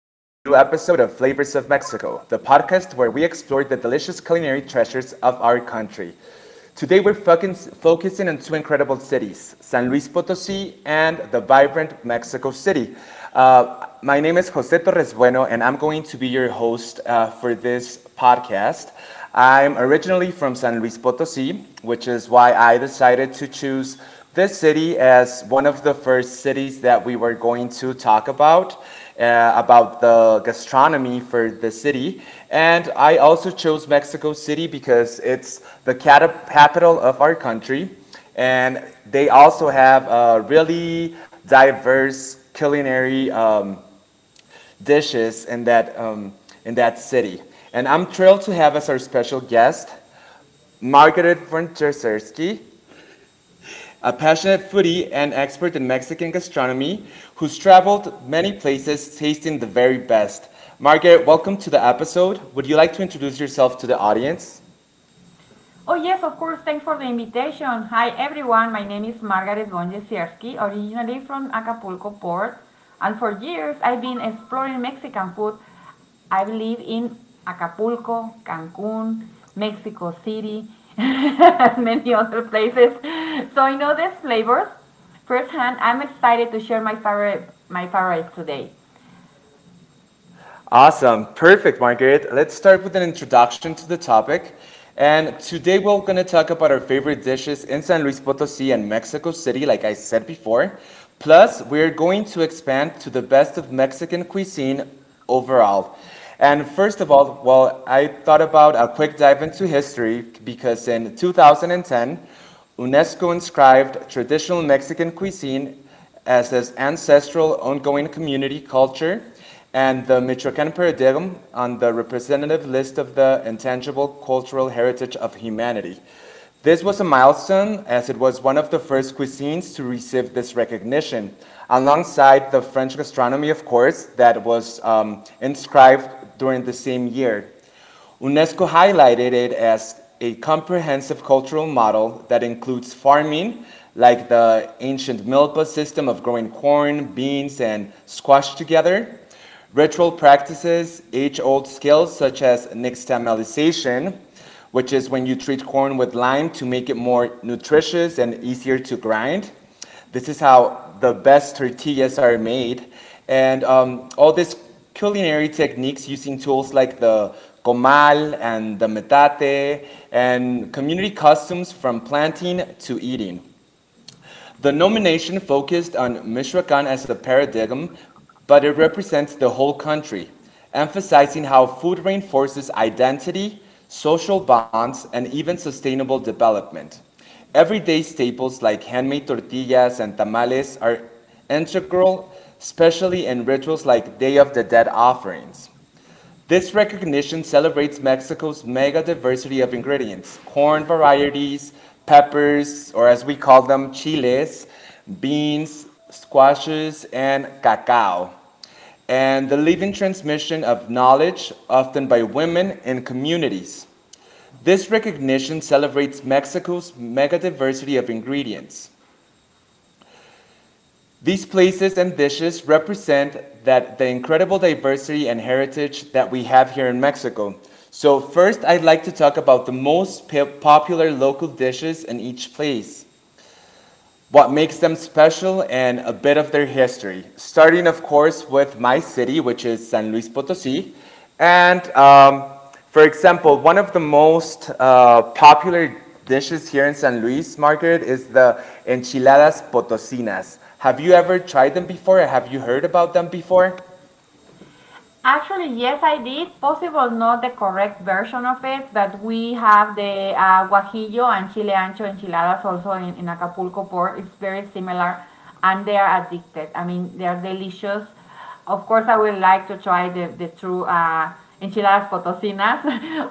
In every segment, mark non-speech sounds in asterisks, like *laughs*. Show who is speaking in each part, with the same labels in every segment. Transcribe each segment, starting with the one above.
Speaker 1: of Mexico, the podcast where we explore the delicious culinary treasures of our country. Today we're focusing on two incredible cities, San Luis Potosí and the vibrant Mexico City. My name is Jose Torres Bueno, and I'm going to be your host for this podcast. I'm originally from San Luis Potosí, which is why I decided to choose this city as one of the first cities that we were going to talk about the gastronomy for the city. And I also chose Mexico City because it's the capital of our country. And they also have a really diverse culinary dishes in that city. And I'm thrilled to have as our special guest Margaret von Jerzerski, a passionate foodie and expert in Mexican gastronomy who's traveled many places tasting the very best. Margaret, welcome to the episode. Would you like to introduce yourself to the audience?
Speaker 2: Oh, yes, of course. Thanks for the invitation. Hi, everyone. My name is Margaret Bonjesierski, originally from Acapulco Port. And for years, I've been exploring Mexican food. I have lived in Acapulco, Cancun, Mexico City, *laughs* and many other places. So I know these flavors firsthand. I'm excited to share my favorites today.
Speaker 1: Awesome. Perfect, Margaret. Let's start with an introduction to the topic. And today we're going to talk about our favorite dishes in San Luis Potosi and Mexico City, like I said before. Plus, we're going to expand to the best of Mexican cuisine overall. And first of all, well, I thought about a quick dive into history because in 2010, UNESCO inscribed traditional Mexican cuisine as his ancestral ongoing community culture and the Michoacán Perideum on the representative list of the intangible cultural heritage of humanity. This was a milestone as it was one of the first cuisines to receive this recognition, alongside the French gastronomy, of course, that was inscribed during the same year. UNESCO highlighted it as a comprehensive cultural model that includes farming, like the ancient milpa system of growing corn, beans, and squash together, ritual practices, age old skills such as nixtamalization, which is when you treat corn with lime to make it more nutritious and easier to grind. This is how the best tortillas are made. And all these culinary techniques using tools like the comal and the metate and community customs from planting to eating. The nomination focused on Michoacan as a paradigm, but it represents the whole country, emphasizing how food reinforces identity, social bonds, and even sustainable development. Everyday staples like handmade tortillas and tamales are integral, especially in rituals like Day of the Dead offerings. This recognition celebrates Mexico's mega diversity of ingredients: corn varieties, peppers, or as we call them, chiles, beans, squashes, and cacao, and the living transmission of knowledge, often by women in communities. This recognition celebrates Mexico's mega diversity of ingredients. These places and dishes represent that the incredible diversity and heritage that we have here in Mexico. So first I'd like to talk about the most popular local dishes in each place, what makes them special, and a bit of their history. Starting, of course, with my city, which is San Luis Potosi. And for example, one of the most popular dishes here in San Luis Market is the enchiladas potosinas. Have you ever tried them before, or have you heard about them before?
Speaker 2: Actually, yes, I did. Possible not the correct version of it, but we have the guajillo and chile ancho enchiladas also in Acapulco port. It's very similar, and they are addicted. I mean, they are delicious. Of course, I would like to try the true enchiladas potosinas.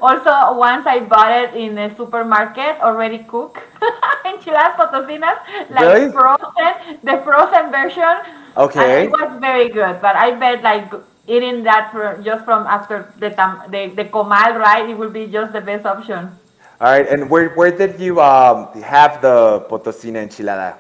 Speaker 2: *laughs* Also, once I bought it in a supermarket, already cooked *laughs* enchiladas potosinas, like
Speaker 1: Really?
Speaker 2: frozen. *laughs* The frozen version, and it
Speaker 1: Okay.
Speaker 2: was very good. But I bet like eating that for, just from after the tam, the comal, right? It would be just the best option.
Speaker 1: All right. And where did you have the potosina enchilada?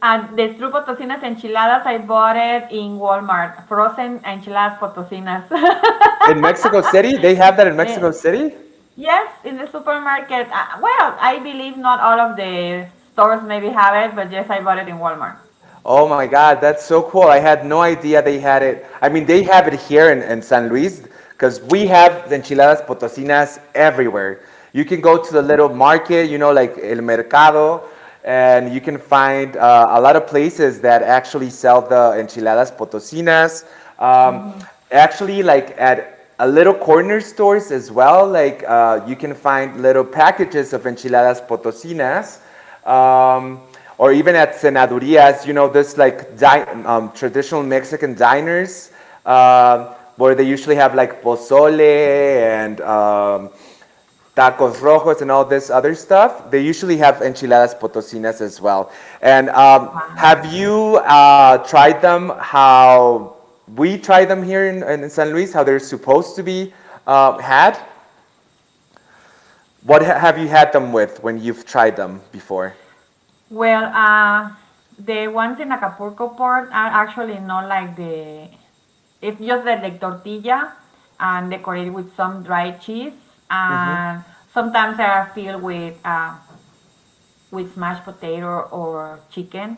Speaker 2: And the true potosinas enchiladas, I bought it in Walmart. Frozen enchiladas potosinas. *laughs*
Speaker 1: In Mexico City? They have that in Mexico
Speaker 2: Eh,
Speaker 1: City?
Speaker 2: yes, in the supermarket. Well, I believe not all of the stores maybe have it, but yes, I bought it in Walmart.
Speaker 1: Oh my God, that's so cool. I had no idea they had it. I mean, they have it here in San Luis because we have enchiladas potosinas everywhere. You can go to the little market, like El Mercado, and you can find a lot of places that actually sell the enchiladas potosinas. Um, Actually, like at a little corner stores as well, like you can find little packages of enchiladas potosinas um, or even at cenadurias, this like traditional Mexican diners where they usually have like pozole and tacos rojos and all this other stuff. They usually have enchiladas potosinas as well. And have you tried them? How we try them here in San Luis? How they're supposed to be had? What have you had them with when you've tried them before?
Speaker 2: Well, the ones in Acapulco port are actually not like the. It's just the like tortilla and decorated with some dried cheese, and sometimes they are filled with mashed potato or chicken.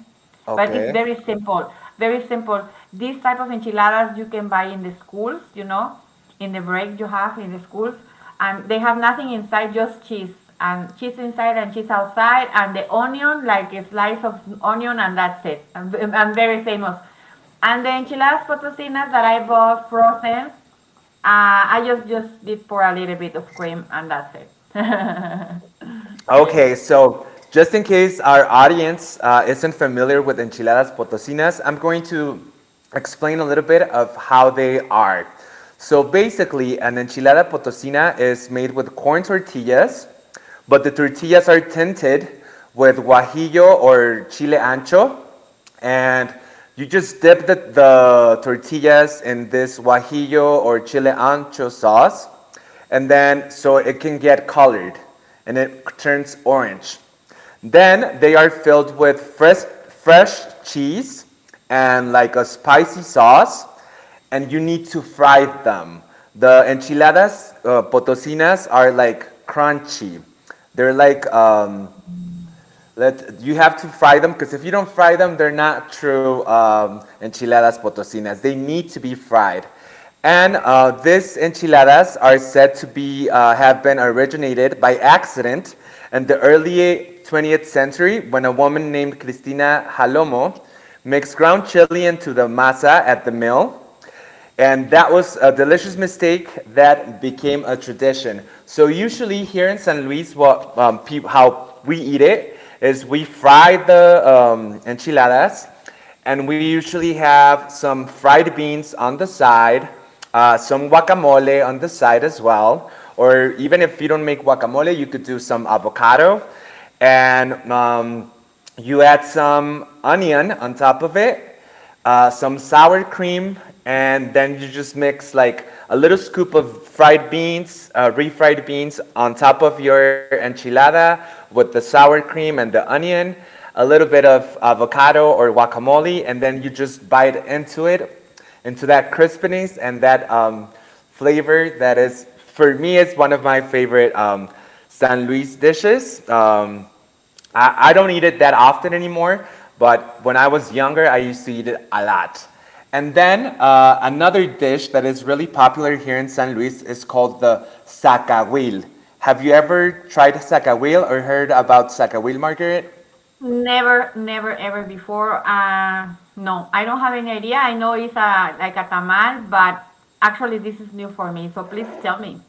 Speaker 2: But it's
Speaker 1: Okay.
Speaker 2: very simple, very simple. These type of enchiladas you can buy in the schools, in the break you have in the schools, and they have nothing inside, just cheese and cheese inside and cheese outside, and the onion, like a slice of onion, and that's it. And very famous. And the enchiladas potosinas that I bought frozen, I just did pour a little bit of cream, and that's it. *laughs* Yes.
Speaker 1: Okay, so just in case our audience isn't familiar with enchiladas potosinas, I'm going to explain a little bit of how they are. So basically, an enchilada potosina is made with corn tortillas, but the tortillas are tinted with guajillo or chile ancho, and you just dip the tortillas in this guajillo or chile ancho sauce and then so it can get colored and it turns orange. Then they are filled with fresh cheese and like a spicy sauce, and you need to fry them. The enchiladas potosinas are like crunchy. They're like let you have to fry them because if you don't fry them, they're not true enchiladas potosinas. They need to be fried. And these enchiladas are said to be have been originated by accident in the early 20th century when a woman named Cristina Jalomo mixed ground chili into the masa at the mill. And that was a delicious mistake that became a tradition. So usually here in San Luis, what peop how we eat it is we fry the enchiladas, and we usually have some fried beans on the side, some guacamole on the side as well. Or even if you don't make guacamole, you could do some avocado, and you add some onion on top of it, some sour cream, and then you just mix like a little scoop of fried beans, refried beans, on top of your enchilada with the sour cream and the onion, a little bit of avocado or guacamole, and then you just bite into it, into that crispiness and that flavor that is, for me, is one of my favorite San Luis dishes. I don't eat it that often anymore, but when I was younger, I used to eat it a lot. And then another dish that is really popular here in San Luis is called the sacahuil. Have you ever tried sacahuil or heard about sacahuil, Margaret?
Speaker 2: Never, never, ever before. No, I don't have any idea. I know it's a like a tamal, but actually this is new for me. So please tell me,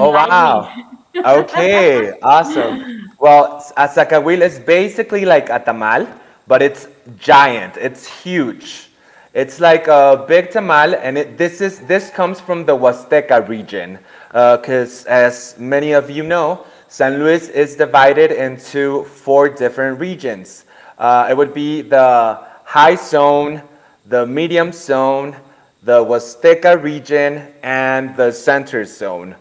Speaker 1: Oh, wow.
Speaker 2: me. *laughs*
Speaker 1: Okay, awesome. Well, a zacahuil is basically like a tamal, but it's giant. It's huge. It's like a big tamal, and it, this is this comes from the Huasteca region, because as many of you know, San Luis is divided into four different regions. It would be the high zone, the medium zone, the Huasteca region, and the center zone.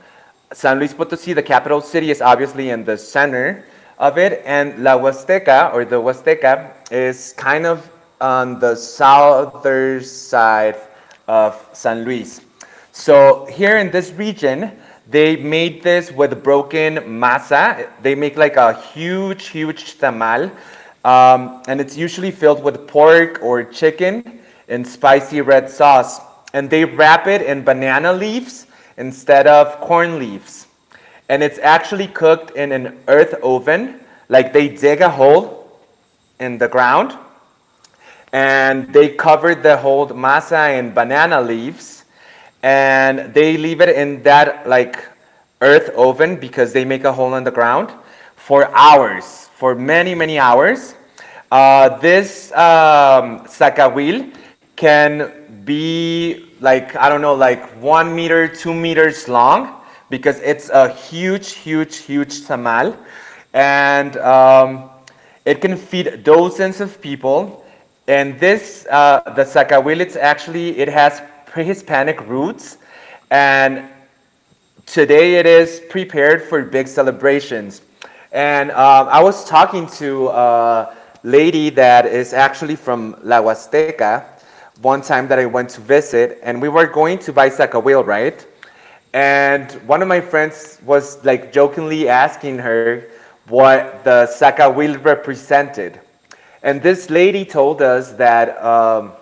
Speaker 1: San Luis Potosí, the capital city, is obviously in the center of it, and La Huasteca, or the Huasteca, is kind of on the southern side of San Luis. So here in this region, they made this with broken masa. They make like a huge, huge tamal, and it's usually filled with pork or chicken in spicy red sauce, and they wrap it in banana leaves instead of corn leaves. And it's actually cooked in an earth oven, like they dig a hole in the ground and they covered the whole masa in banana leaves, and they leave it in that like earth oven because they make a hole in the ground for hours, for many many hours. This sacawil can be like I don't know, like 1 meter, 2 meters long because it's a huge, huge, huge tamal, and it can feed dozens of people. And this, the Sakawilits, actually, it has pre-Hispanic roots, and today it is prepared for big celebrations. And I was talking to a lady that is actually from La Huasteca one time that I went to visit, and we were going to buy Sakawil, right? And one of my friends was like jokingly asking her what the Sakawil represented. And this lady told us that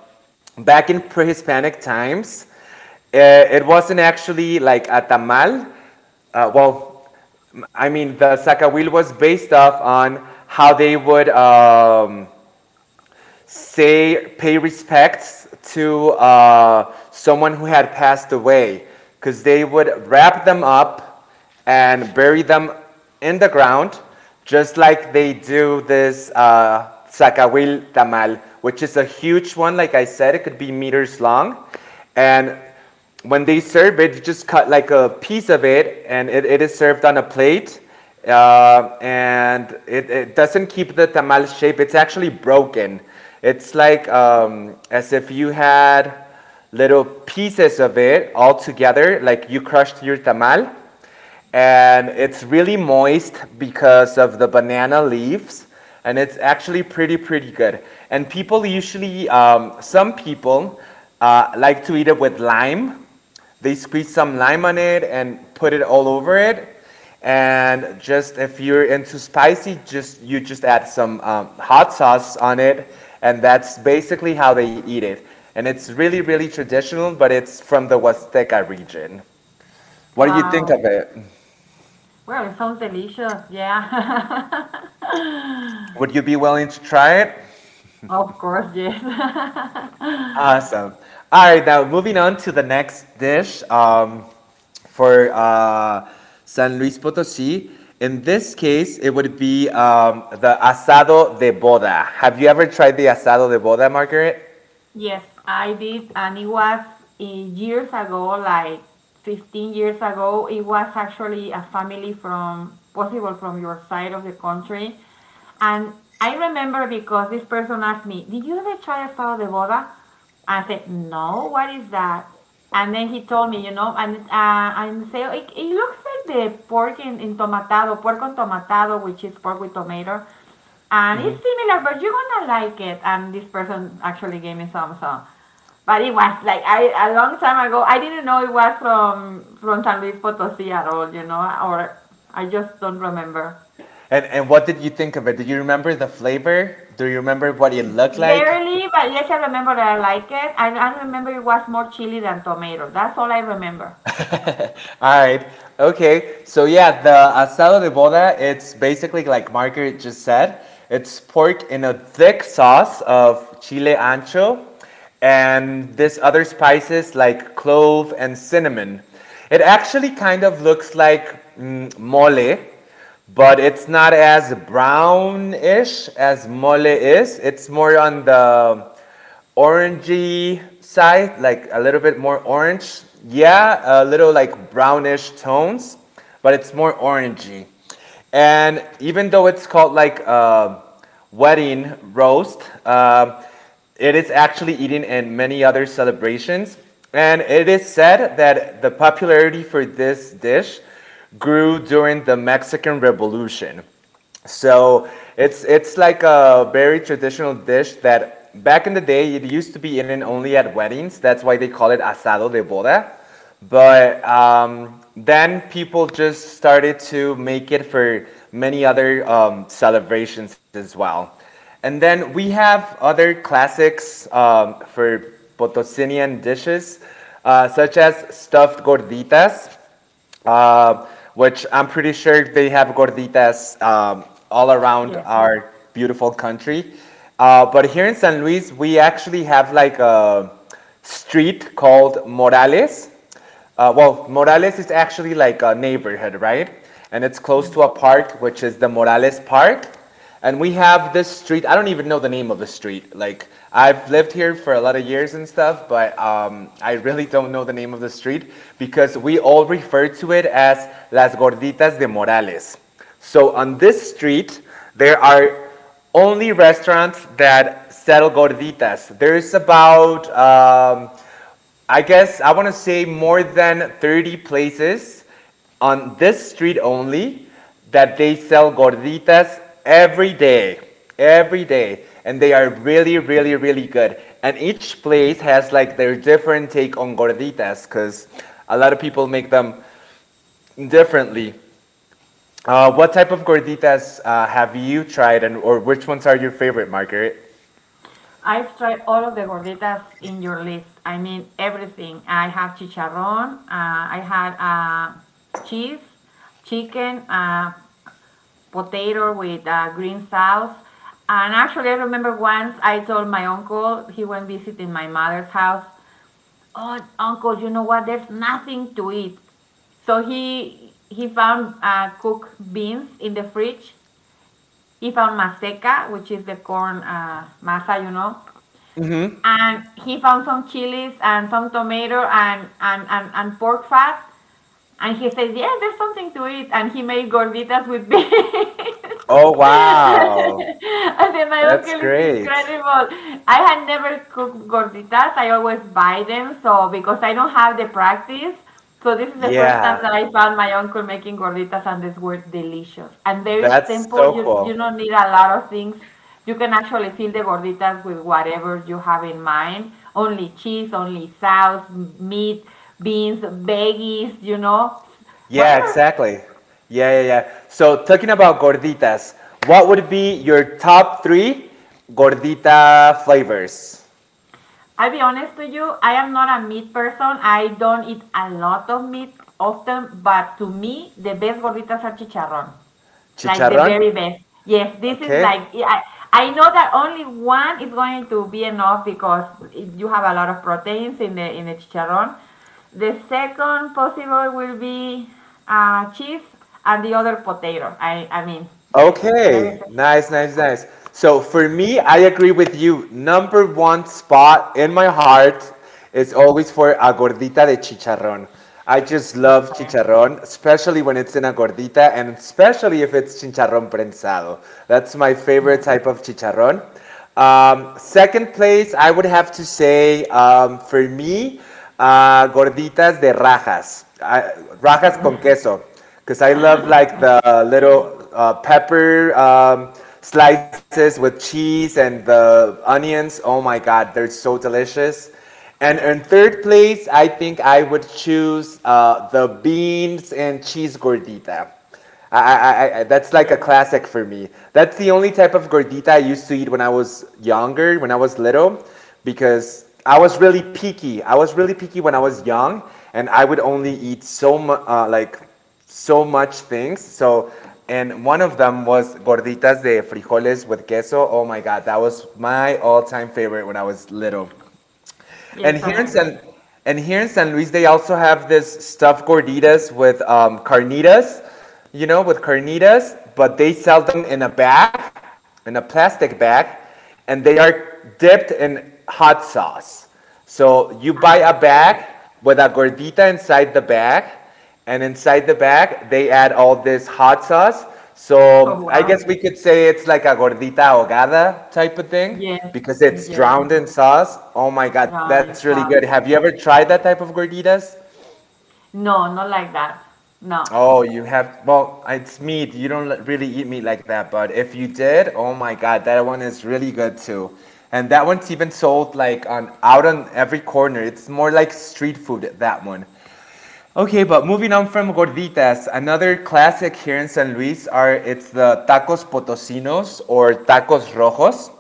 Speaker 1: back in pre Hispanic times, uh, it wasn't actually like a tamal. Well, I mean, the sacahuil was based off on how they would say pay respects to someone who had passed away because they would wrap them up and bury them in the ground just like they do this Zacahuil tamal, which is a huge one, like I said, it could be meters long. And when they serve it, you just cut like a piece of it, and it is served on a plate. And it doesn't keep the tamal shape. It's actually broken. It's like as if you had little pieces of it all together, like you crushed your tamal, and it's really moist because of the banana leaves, and it's actually pretty good. And people usually some people like to eat it with lime. They squeeze some lime on it and put it all over it. And just if you're into spicy, just you just add some hot sauce on it, and that's basically how they eat it. And it's really traditional, but it's from the huasteca region. What do you think
Speaker 2: Wow.
Speaker 1: of it?
Speaker 2: Well, it sounds delicious. Yeah.
Speaker 1: Would
Speaker 2: *laughs*
Speaker 1: you be willing to try it?
Speaker 2: Of course, yes. *laughs*
Speaker 1: Awesome. All right, now moving on to the next dish, for San Luis Potosí. In this case, it would be the asado de boda. Have you ever tried the asado de boda, Margaret?
Speaker 2: Yes, I did, and it was years ago, like 15 years ago. It was actually a family from possible from your side of the country, and I remember because this person asked me, "Did you ever try asado de boda?" I said, "No, what is that?" And then he told me, and and say it, it looks like the pork in tomatado, pork con tomatado, which is pork with tomato and it's similar, but you're gonna like it. And this person actually gave me some, so. But it was like a long time ago. I didn't know it was from San Luis Potosí at all, you know, or I just don't remember.
Speaker 1: And what did you think of it? Do you remember the flavor? Do you remember what it looked like?
Speaker 2: Barely, but yes, I remember that I like it. I remember it was more chili than tomato. That's all I remember.
Speaker 1: *laughs* All right. Okay. So yeah, the asado de boda, it's basically like Margaret just said. It's pork in a thick sauce of chile ancho and this other spices like clove and cinnamon. It actually kind of looks like mole, but it's not as brownish as mole is. It's more on the orangey side, like a little bit more orange. Yeah, a little like brownish tones, but it's more orangey. And even though it's called like a wedding roast, it is actually eaten in many other celebrations. And it is said that the popularity for this dish grew during the Mexican Revolution. So it's like a very traditional dish that back in the day it used to be eaten only at weddings. That's why they call it asado de boda. But then people just started to make it for many other celebrations as well. And then we have other classics for Potosinian dishes, such as stuffed gorditas, uh, which I'm pretty sure they have gorditas all around
Speaker 2: Yes.
Speaker 1: our beautiful country. But here in San Luis, we actually have like a street called Morales. Well, Morales is actually like a neighborhood, right? And it's close to a
Speaker 2: Mm.
Speaker 1: park, which is the Morales Park. And we have this street. I don't even know the name of the street. Like I've lived here for a lot of years and stuff, but I really don't know the name of the street because we all refer to it as Las Gorditas de Morales. So on this street, there are only restaurants that sell gorditas. There's about I guess I want to say more than 30 places on this street only that they sell gorditas every day. Every day. And they are really, really, really good. And each place has like their different take on gorditas because a lot of people make them differently. What type of gorditas have you tried, and or which ones are your favorite, Margaret?
Speaker 2: I've tried all of the gorditas in your list. I mean, everything. I have chicharrón. I had cheese, chicken, potato with green sauce. And actually, I remember once I told my uncle, he went visiting my mother's house, Oh, uncle, you know what? There's nothing to eat. So he found cooked beans in the fridge. He found maseca, which is the corn masa. And he found some chilies and some tomato and pork fat. And he says, Yes, there's something to it. And he made gorditas with beans. *laughs*
Speaker 1: Oh, wow.
Speaker 2: I said, My
Speaker 1: That's
Speaker 2: uncle is
Speaker 1: great.
Speaker 2: incredible. I had never cooked gorditas. I always buy them. So, because I don't have the practice. So, this is the first time
Speaker 1: Yeah.
Speaker 2: that I found my uncle making gorditas, and these were delicious. And very
Speaker 1: That's so
Speaker 2: simple. You,
Speaker 1: cool.
Speaker 2: you don't need a lot of things you can actually fill the gorditas with whatever you have in mind. Only cheese, only sauce, meat, beans, veggies,
Speaker 1: Yeah,
Speaker 2: whatever.
Speaker 1: exactly. Yeah, yeah, yeah. So talking about gorditas, what would be your top three gordita flavors?
Speaker 2: I'll be honest to you, I am not a meat person. I don't eat a lot of meat often, but to me, the best gorditas are chicharrón. Like the
Speaker 1: Chicharrón.
Speaker 2: very best. Yes, this is like
Speaker 1: Okay.
Speaker 2: I know that only one is going to be enough because you have a lot of proteins in the chicharron. The second possible will be cheese and the other potato. I mean yes, very
Speaker 1: Okay,
Speaker 2: fa-
Speaker 1: nice, nice, nice. So for me, I agree with you. Number one spot in my heart is always for a gordita de chicharrón. I just
Speaker 2: yes,
Speaker 1: love
Speaker 2: sir.
Speaker 1: chicharrón, especially when it's in a gordita, and especially if it's chicharrón prensado. That's my
Speaker 2: Yeah,
Speaker 1: favorite type of chicharrón. Second place, I would have to say, for me, gorditas de rajas, rajas con queso, because I love like the little pepper slices with cheese and the onions. Oh my God, they're so delicious. And
Speaker 2: yes,
Speaker 1: in third place, I think I would choose the beans and cheese gordita. I, I, that's like a
Speaker 2: yes,
Speaker 1: classic for me. That's the only type of gordita I used to eat when I was younger, when I was little, because I was really picky. I was really picky when I was young, and I would only eat like so much things. So, and one of them was gorditas de frijoles with queso. Oh my god, that was my all-time favorite when I was little.
Speaker 2: yes.
Speaker 1: And here
Speaker 2: I
Speaker 1: in
Speaker 2: agree.
Speaker 1: San and here in San Luis, they also have this stuffed gorditas with carnitas, you know, with carnitas, but they sell them in a bag, in a plastic bag, and they are dipped in hot sauce. So you buy a
Speaker 2: Ah, okay.
Speaker 1: bag with a gordita inside the bag, and inside the bag, they add all this hot sauce.
Speaker 2: Oh
Speaker 1: So I
Speaker 2: wow.
Speaker 1: guess we could say it's like a gordita ahogada type of thing
Speaker 2: Yes,
Speaker 1: because it's
Speaker 2: yes.
Speaker 1: drowned in sauce. Oh my God, that's
Speaker 2: Brown
Speaker 1: really
Speaker 2: and
Speaker 1: good.
Speaker 2: sauce.
Speaker 1: Have you ever tried that type of gorditas?
Speaker 2: No, not like that. No.
Speaker 1: Oh, you have. Well, it's meat. You don't li- really eat meat like that. But if you did, oh my God, that one is really good too. And that one's even sold like on out on every corner. It's more like street food, that one. Okay, but moving on from gorditas, another classic here in San Luis are it's the tacos potosinos or tacos rojos,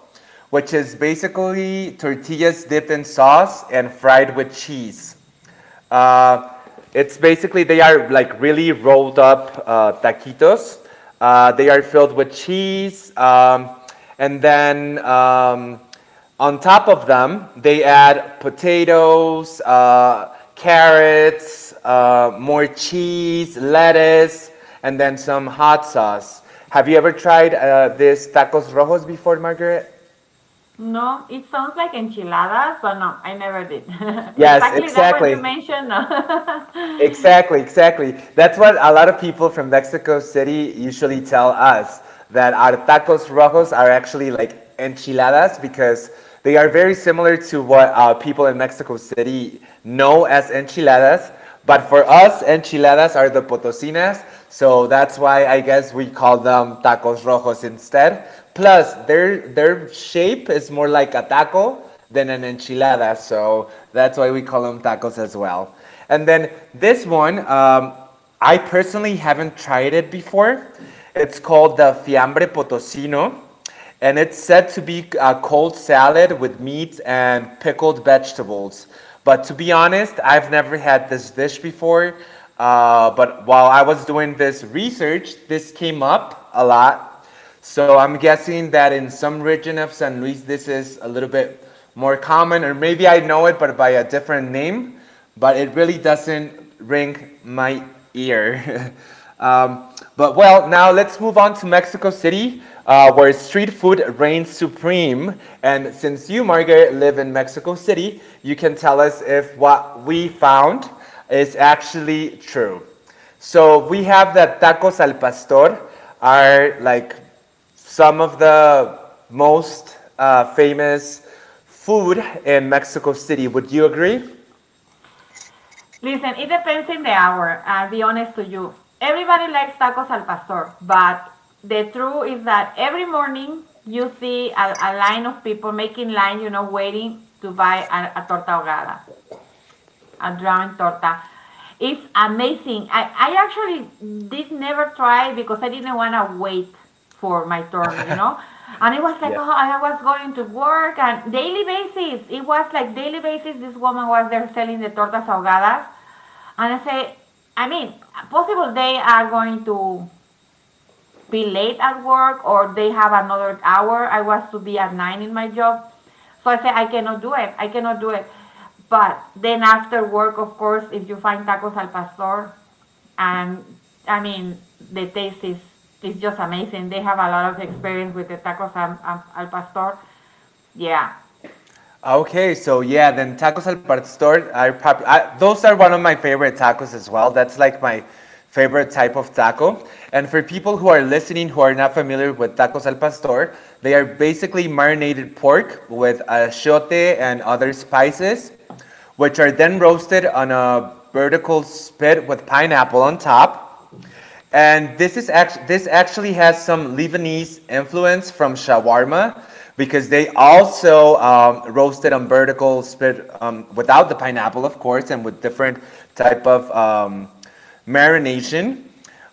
Speaker 1: which is basically tortillas dipped in sauce and fried with cheese. Uh, it's basically they are like really rolled up taquitos. They are filled with cheese, and then on top of them, they add potatoes, carrots, more cheese, lettuce, and then some hot sauce. Have you ever tried this tacos rojos before, Margaret?
Speaker 2: No, it sounds like enchiladas, but no, I never did. *laughs*
Speaker 1: Yes,
Speaker 2: Exactly that one you
Speaker 1: exactly.
Speaker 2: mentioned. No. *laughs*
Speaker 1: Exactly, exactly. That's what a lot of people from Mexico City usually tell us that our tacos rojos are actually like enchiladas because they are very similar to what people in Mexico City know as enchiladas. But for us, enchiladas are the potosinas, so that's why I guess we call them tacos rojos instead. Plus, their shape is more like a taco than an enchilada, so that's why we call them tacos as well. And then this one, I personally haven't tried it before. It's called the fiambre potosino, and it's said to be a cold salad with meat and pickled vegetables. But to be honest, I've never had this dish before. But while I was doing this research, this came up a lot. So I'm guessing that in some region of San Luis, this is a little bit more common, or maybe I know it, but by a different name, but it really doesn't ring my ear. *laughs* um, but well, now let's move on to Mexico City, where street food reigns supreme. And since you, Margaret, live in Mexico City, you can tell us if what we found is actually true. So we have that tacos al pastor are like some of the most famous food in Mexico City. Would you agree?
Speaker 2: Listen, it depends in the hour. I'll be honest to you. Everybody likes tacos al pastor, but the truth is that every morning you see a line of people making line, waiting to buy a torta ahogada. A drawn torta. It's amazing. I actually did never try because I didn't want to wait for my turn. And it was like,
Speaker 1: Yeah.
Speaker 2: oh, I was going to work and daily basis. It was like daily basis. This woman was there selling the tortas ahogadas, and I say, I mean, possible they are going to be late at work or they have another hour. I was to be at 9 in my job. So I said, I cannot do it. I cannot do it. But then after work, of course, if you find tacos al pastor, and I mean, the taste is just amazing. They have a lot of experience with the tacos al pastor. Yeah.
Speaker 1: Ah, okay, so yeah, then tacos al pastor are pop- I, those are one of my favorite tacos as well. That's like my favorite type of taco. And for people who are listening who are not familiar with tacos al pastor, they are basically marinated pork with achiote and other spices, which are then roasted on a vertical spit with pineapple on top. And this actually has some Lebanese influence from shawarma because they also roasted on vertical spit without the pineapple, of course, and with different type of marination.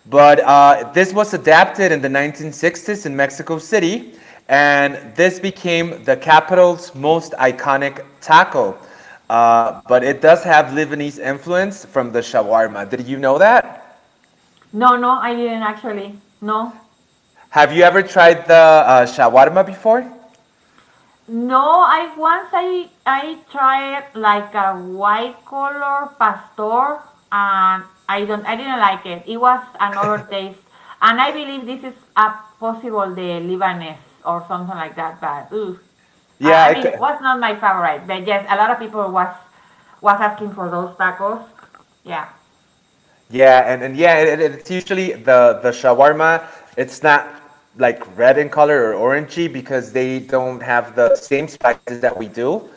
Speaker 1: But this was adapted in the 1960s in Mexico City, and this became the capital's most iconic taco. But it does have Lebanese influence from the shawarma. Did you know that?
Speaker 2: No, no, I didn't actually. No,
Speaker 1: Have you ever tried the shawarma before?
Speaker 2: no, I once I tried like a white color pastor and I didn't like it. It was another taste. And I believe this is a possible the Lebanese or something like that, but ooh. I
Speaker 1: Yeah,
Speaker 2: I
Speaker 1: it,
Speaker 2: mean, was not my favorite, but yes, a lot of people was asking for those tacos. Yeah.
Speaker 1: Yeah, and yeah, it's usually the shawarma. It's not like red in color or orangey because they don't have the same spices that we do.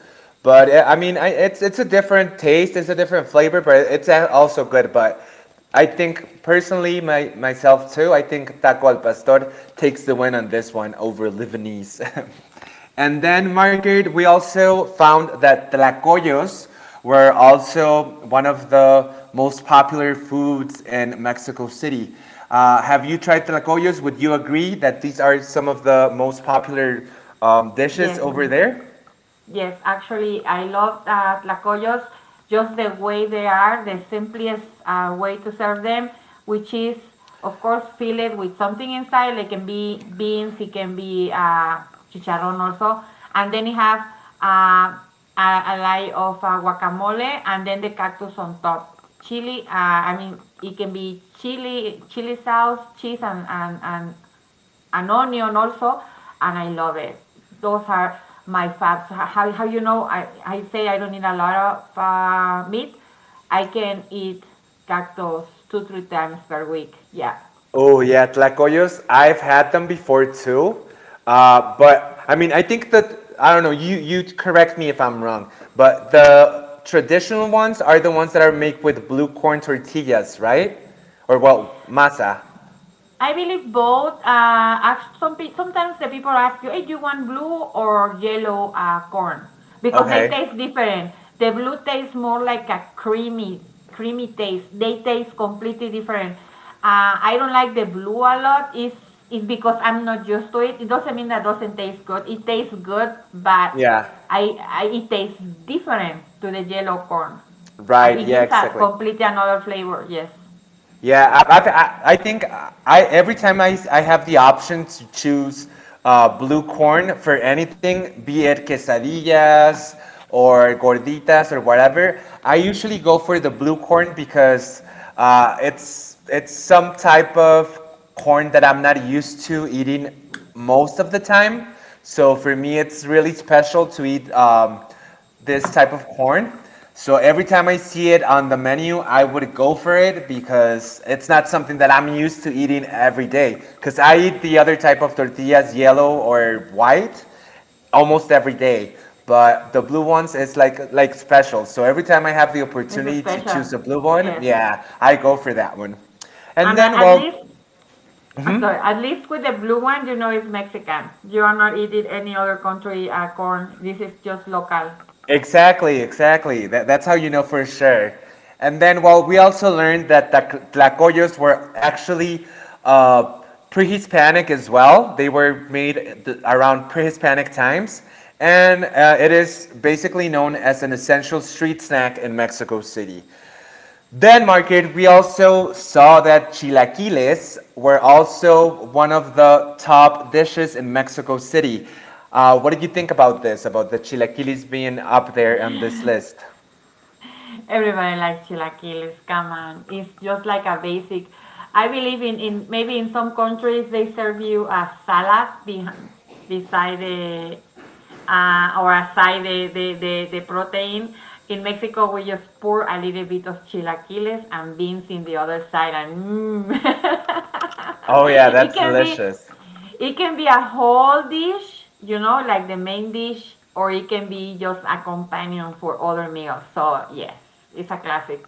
Speaker 1: But eh, I mean, it's a different taste, it's a different flavor, but it's a- also good. But I think personally, my myself too. I think taco al pastor takes the win on this one over Lebanese. *laughs* And then, Margaret, we also found that tlacoyos we're also one of the most popular foods in Mexico City. Have you tried tlacoyos? Would you agree that these are some of the most popular dishes
Speaker 2: Yes.
Speaker 1: over there?
Speaker 2: Yes, actually, I love tlacoyos, just the way they are, the simplest way to serve them, which is, of course, fill it with something inside. Like can be beans, it can be chicharrón also, and then you have uh, a layer of guacamole, and then the cactus on top. Chili, I mean, it can be chili, chili sauce, cheese, and an onion also, and I love it. Those are my faves. How, I say I don't eat a lot of meat. I can eat cactus two, three times per week. Yeah.
Speaker 1: Oh yeah, tlacoyos. I've had them before too, but I mean, I think that I don't know. You correct me if I'm wrong, but the traditional ones are the ones that are made with blue corn tortillas, right? Or well, masa.
Speaker 2: I believe both. Sometimes the people ask you, "Hey, do you want blue or yellow corn?" Because they
Speaker 1: Okay.
Speaker 2: taste different. The blue tastes more like a creamy, creamy taste. They taste completely different. I don't like the blue a lot. It's because I'm not used to it. It doesn't mean that doesn't taste good. It tastes good, but
Speaker 1: Yeah.
Speaker 2: I it tastes different to the yellow corn.
Speaker 1: Right.
Speaker 2: It
Speaker 1: Yeah.
Speaker 2: gives a
Speaker 1: Exactly.
Speaker 2: completely another flavor. Yes,
Speaker 1: Yeah. I think I every time I have the option to choose blue corn for anything, be it quesadillas or gorditas or whatever, I usually go for the blue corn because it's some type of corn that I'm not used to eating most of the time. So for me, it's really special to eat this type of corn. So every time I see it on the menu, I would go for it because it's not something that I'm used to eating every day. Because I eat the other type of tortillas, yellow or white, almost every day. But the blue ones is like special. So every time I have the
Speaker 2: it's
Speaker 1: opportunity to
Speaker 2: special.
Speaker 1: choose a blue one,
Speaker 2: Yes.
Speaker 1: yeah, I go for that one. And
Speaker 2: And
Speaker 1: then,
Speaker 2: at
Speaker 1: well,
Speaker 2: least, I'm sorry, at least with the blue one, you know it's Mexican. You are not eating any other country corn. This is just local.
Speaker 1: exactly, exactly. That, that's how you know for sure. And then, well, we also learned that Tlacoyos were actually uh, pre Hispanic as well. They were made around pre Hispanic times. And it is basically known as an essential street snack in Mexico City. Then, Margaret, we also saw that chilaquiles were also one of the top dishes in Mexico City. What did you think about this, about the chilaquiles being up there on this list?
Speaker 2: Everybody likes chilaquiles. Come on, it's just like a basic. I believe in maybe in some countries they serve you a salad be beside the or aside the protein. In Mexico, we just pour a little bit of chilaquiles and beans in the other side, and mm.
Speaker 1: Oh, yeah,
Speaker 2: *laughs* it
Speaker 1: that's
Speaker 2: can be
Speaker 1: delicious.
Speaker 2: It can be a whole dish, like the main dish, or it can be just a companion for other meals. So yes, it's a classic.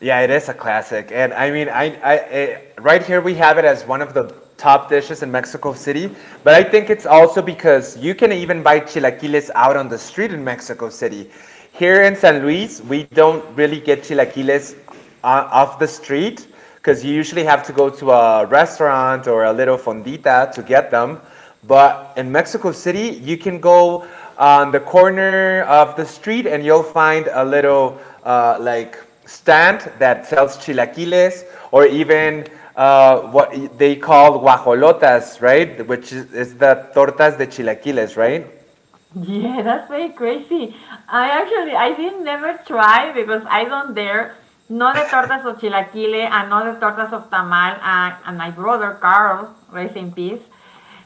Speaker 1: Yeah, it is a classic, and I mean, right here we have it as one of the top dishes in Mexico City. But I think it's also because you can even buy chilaquiles out on the street in Mexico City. Here in San Luis, we don't really get chilaquiles off the street because you usually have to go to a restaurant or a little fondita to get them. But in Mexico City, you can go on the corner of the street and you'll find a little like stand that sells chilaquiles or even what they call guajolotas, right? Which is the tortas de chilaquiles, right?
Speaker 2: Yeah, *laughs* that's very crazy. I actually I didn't never try because I don't dare. No de tortas of chilaquile and no de tortas of tamal. And my brother Carl, rest in peace,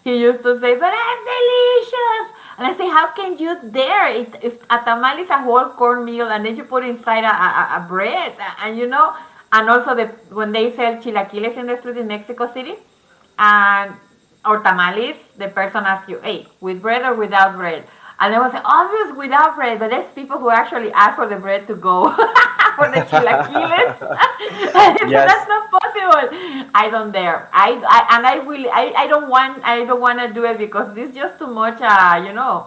Speaker 2: he used to say, "But I'm delicious." And I say, "How can you dare? It, if a tamal is a whole cornmeal and then you put inside a bread, and you know, and also the when they sell chilaquiles in the street in Mexico City." And or tamales, the person asks you, hey, with bread or without bread? And I was like, obvious without bread, but there's people who actually ask for the bread to go *laughs* for the chilaquiles. *laughs* I said,
Speaker 1: Yes.
Speaker 2: That's not possible. I don't dare. I and I really I don't want I don't want to do it because it's just too much.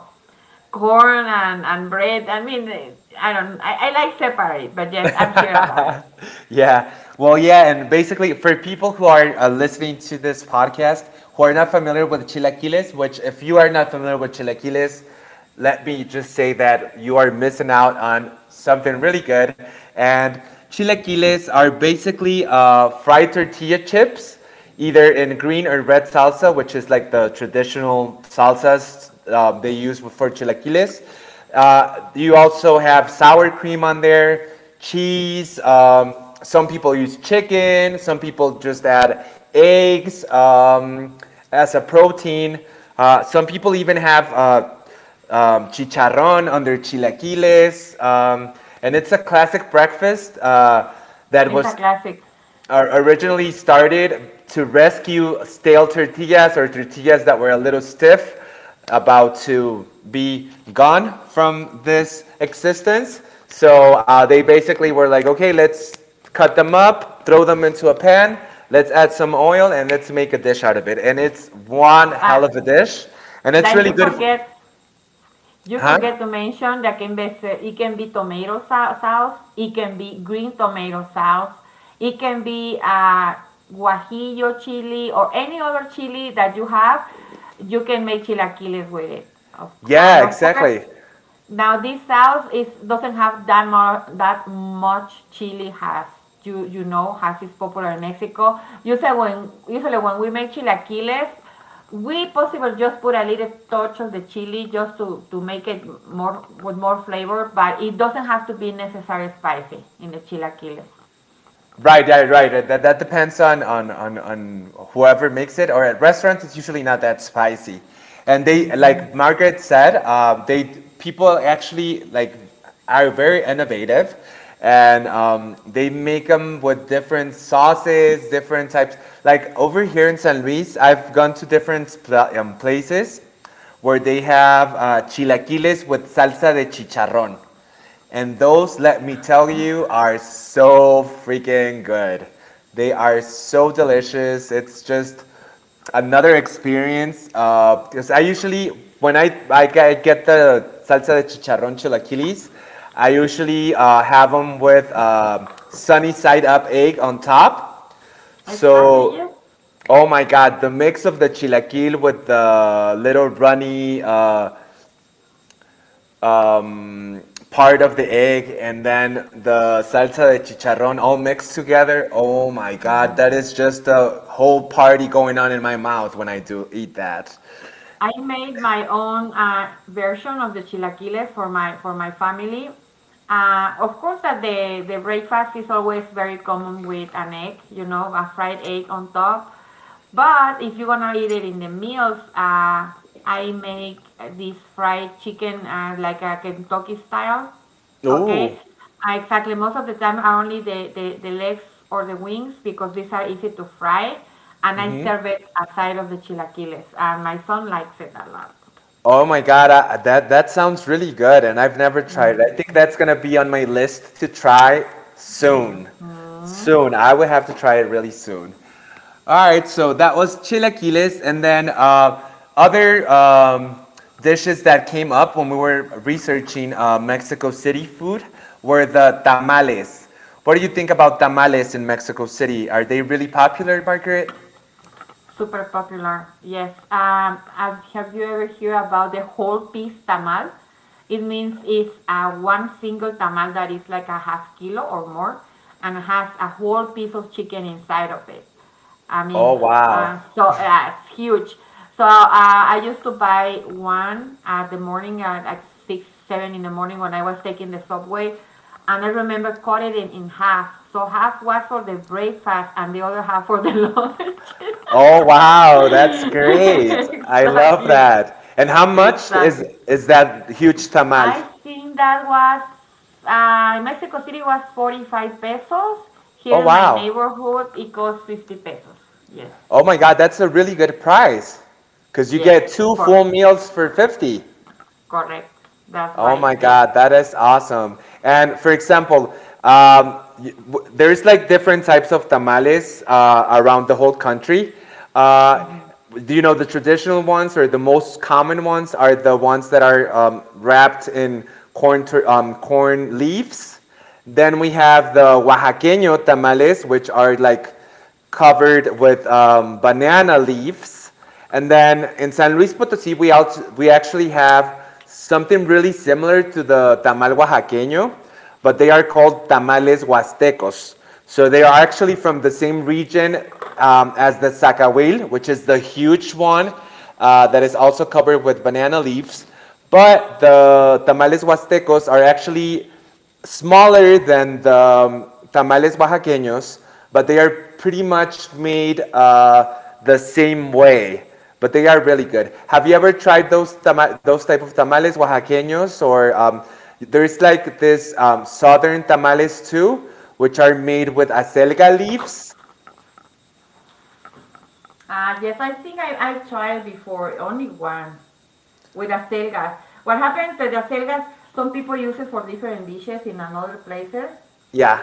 Speaker 2: Corn and bread. I mean, I don't. I like separate, but yes, I'm here about it.
Speaker 1: Yeah. Well, yeah, and basically for people who are listening to this podcast who are not familiar with chilaquiles, which if you are not familiar with chilaquiles, let me just say that you are missing out on something really good. And chilaquiles are basically fried tortilla chips, either in green or red salsa, which is like the traditional salsas they use for chilaquiles. You also have sour cream on there cheese. Some people use chicken. Some people just add eggs as a protein. Some people even have chicharrón under chilaquiles. And it's a classic breakfast that
Speaker 2: It's a
Speaker 1: was
Speaker 2: classic.
Speaker 1: are originally started to rescue stale tortillas or tortillas that were a little stiff, about to be gone from this existence. So they basically were like, okay, let's cut them up, throw them into a pan, let's add some oil, and let's make a dish out of it. And it's one
Speaker 2: Uh,
Speaker 1: hell of a dish, and it's
Speaker 2: then
Speaker 1: really
Speaker 2: you
Speaker 1: good. For,
Speaker 2: forget You
Speaker 1: huh?
Speaker 2: forget to mention that can be, it can be tomato sauce, it can be green tomato sauce, it can be guajillo chili or any other chili that you have. You can make chilaquiles with it.
Speaker 1: Yeah,
Speaker 2: And of course,
Speaker 1: exactly.
Speaker 2: now this sauce is doesn't have that more that much chili has. You know has is popular in Mexico. Usually when we make chilaquiles, we possibly just put a little touch of the chili just to make it more with more flavor, but it doesn't have to be necessarily spicy in the chilaquiles.
Speaker 1: Right, right, right. That depends on whoever makes it. Or at restaurants, it's usually not that spicy. And they, like Margaret said, they people actually like are very innovative, and they make them with different sauces, different types. Like over here in San Luis, I've gone to different places where they have chilaquiles with salsa de chicharrón. And those, let me tell you, are so freaking good. They are so delicious. It's just another experience. Because I usually, when I get the salsa de chicharrón chilaquiles, I usually have them with sunny side up egg on top.
Speaker 2: Exactly,
Speaker 1: So,
Speaker 2: yes.
Speaker 1: oh my God, the mix of the chilaquil with the little runny um, part of the egg and then the salsa de chicharrón all mixed together. Oh my god, that is just a whole party going on in my mouth when I do eat that.
Speaker 2: I made my own version of the chilaquiles for my family. Of course, that the breakfast is always very common with an egg, you know, a fried egg on top. But if you're gonna eat it in the meals, I make this fried chicken like a Kentucky style. Okay.
Speaker 1: Ooh.
Speaker 2: Exactly. Most of the time are only the legs or the wings because these are easy to fry. And I serve it aside of the chilaquiles. And my son likes it a lot.
Speaker 1: Oh my God, I, that that sounds really good, and I've never tried it. I think that's gonna be on my list to try soon.
Speaker 2: Mhm.
Speaker 1: Soon, I would have to try it really soon. All right, so that was chilaquiles, and then other dishes that came up when we were researching Mexico City food were the tamales. What do you think about tamales in Mexico City? Are they really popular, Margaret?
Speaker 2: Super popular. Yes. Have you ever heard about the whole piece tamal? It means it's one single tamal that is like a 1/2 kilo or more and has a whole piece of chicken inside of it. I
Speaker 1: Oh,
Speaker 2: mean,
Speaker 1: wow.
Speaker 2: it's huge. I used to buy one at the morning at like 6, 7 in the morning when I was taking the subway, and I remember cut it in half. So half was for the breakfast and the other half for the *laughs* lunch.
Speaker 1: Oh wow, that's great.
Speaker 2: *laughs*
Speaker 1: I love
Speaker 2: exactly,
Speaker 1: that. And how much is
Speaker 2: exactly.
Speaker 1: is that huge tamal?
Speaker 2: I think that was in Mexico City was 45 pesos.
Speaker 1: Oh,
Speaker 2: Here in my
Speaker 1: wow.
Speaker 2: neighborhood, it costs 50 pesos. Yes.
Speaker 1: Oh my god, that's a really good price. Cuz you
Speaker 2: Yes,
Speaker 1: get two full
Speaker 2: for
Speaker 1: meals for 50.
Speaker 2: Correct. That's
Speaker 1: Oh
Speaker 2: right.
Speaker 1: my
Speaker 2: Yes.
Speaker 1: God, that is awesome. And for example, there's like different types of tamales around the whole country. Uh,
Speaker 2: Hmm.
Speaker 1: do you know the traditional ones or the most common ones are the ones that are wrapped in corn, corn leaves? Then we have the Oaxaqueño tamales, which are like covered with banana leaves. And then in San Luis Potosí, we actually have something really similar to the tamal oaxaqueño, but they are called tamales huastecos. So they are actually from the same region as the zacahuil, which is the huge one that is also covered with banana leaves. But the tamales huastecos are actually smaller than the tamales oaxaqueños, but they are pretty much made the same way. But they are really good. Have you ever tried those those type of tamales oaxaqueños? Or there's like this southern tamales too, which are made with acelga leaves.
Speaker 2: Yes, I think I tried before only one with acelgas. What happens that the acelgas some people use it for different dishes in another places.
Speaker 1: Yeah.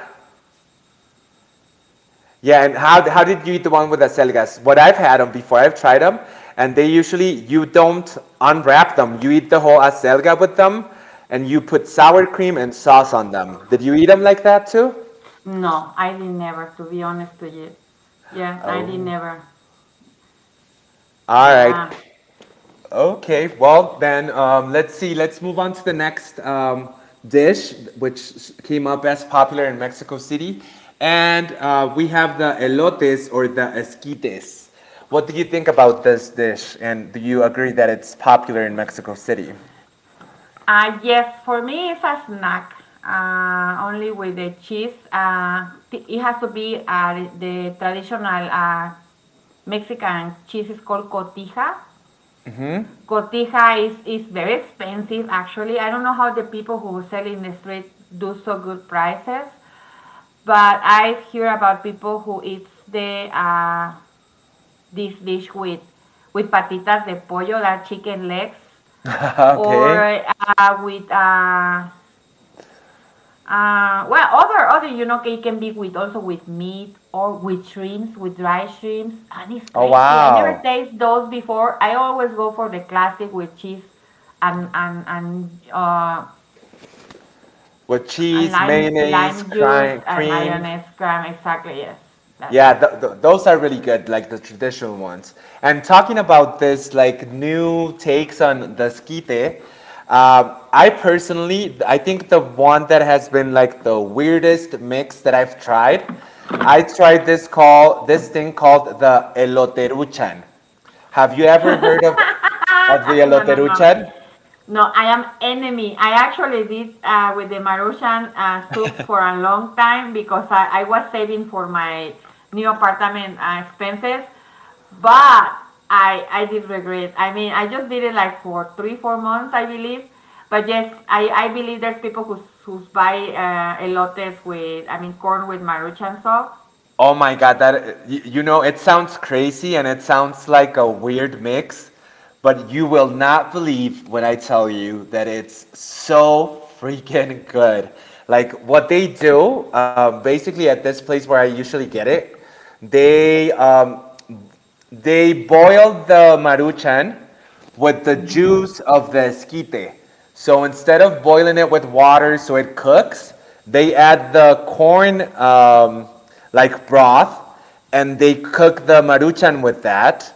Speaker 1: Yeah, and how did you eat the one with the acelgas? What I've had them before, I've tried them, and they usually, you don't unwrap them. You eat the whole acelga with them, and you put sour cream and sauce on them. Did you eat them like that too?
Speaker 2: No, I did never. To be honest to you, yeah, I did
Speaker 1: Oh.
Speaker 2: never.
Speaker 1: All right.
Speaker 2: Yeah.
Speaker 1: Okay, well then let's see. Let's move on to the next dish, which came up as popular in Mexico City, and we have the elotes or the esquites. What do you think about this dish, and do you agree that it's popular in Mexico City?
Speaker 2: Yes, for me it's a snack. Only with the cheese. It has to be the traditional uh, Mexican cheese is called cotija. Cotija is very expensive actually. I don't know how the people who sell in the street do so good prices, but I hear about people who eats the this dish with patitas de pollo, that chicken legs,
Speaker 1: *laughs*
Speaker 2: or
Speaker 1: Okay.
Speaker 2: with well, other it can be with also with meat or with shrimps, with dry shrimps, and it's
Speaker 1: Oh,
Speaker 2: crazy. I never
Speaker 1: wow.
Speaker 2: taste those before. I always go for the classic with cheese and
Speaker 1: With
Speaker 2: and
Speaker 1: cheese,
Speaker 2: lime
Speaker 1: mayonnaise,
Speaker 2: lime juice and
Speaker 1: cream.
Speaker 2: mayonnaise cream. Exactly, yes, that's
Speaker 1: Yeah,
Speaker 2: it.
Speaker 1: those are really good, like the traditional ones. And talking about this, like new takes on the esquite, I personally, I think the one that has been like the weirdest mix that I've tried, I tried this thing called the eloteruchan. Have you ever heard of the
Speaker 2: *laughs* No, no, no.
Speaker 1: eloteruchan?
Speaker 2: No, I am enemy. I actually did with the Maruchan soup for a long time because I was saving for my new apartment expenses. But I did regret. I mean, I just did it like for 3 or 4 months, I believe. But yes, I believe there's people who buy elotes with I mean corn with Maruchan sauce.
Speaker 1: Oh my god, that you know, it sounds crazy and it sounds like a weird mix, but you will not believe when I tell you that it's so freaking good. Like what they do, basically at this place where I usually get it, they boiled the maruchan with the juice of the esquite. So instead of boiling it with water so it cooks, they add the corn like broth and they cook the maruchan with that.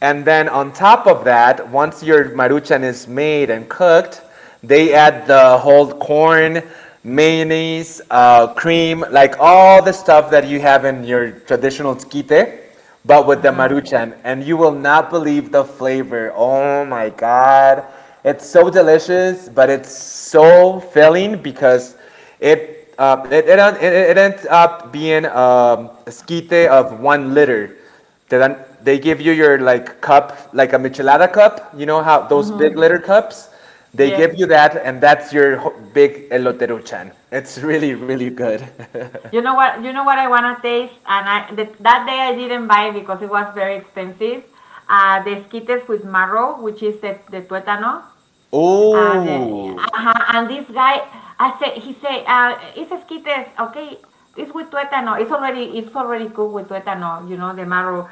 Speaker 1: And then on top of that, once your maruchan is made and cooked, they add the whole corn, mayonnaise, cream, like all the stuff that you have in your traditional skite, but with
Speaker 2: Uh
Speaker 1: the
Speaker 2: huh.
Speaker 1: maruchan. And you will not believe the flavor. Oh my God. It's so delicious, but it's so filling because it, uh, it, it, it, it ends up being a skite of 1 liter. They then they give you your like cup, like a michelada cup. You know how those big
Speaker 2: Mhm.
Speaker 1: litter cups? They
Speaker 2: Yes.
Speaker 1: give you that, and that's your big eloteruchan. It's really really good. *laughs*
Speaker 2: You know what? You know what I wanna taste, and that day I didn't buy because it was very expensive. The esquites with marrow, which is the tuétano, and,
Speaker 1: Oh,
Speaker 2: ajá, and this guy, I said, he said, it's esquites, okay, it's with tuétano. It's already cooked with tuétano, you know, the marrow.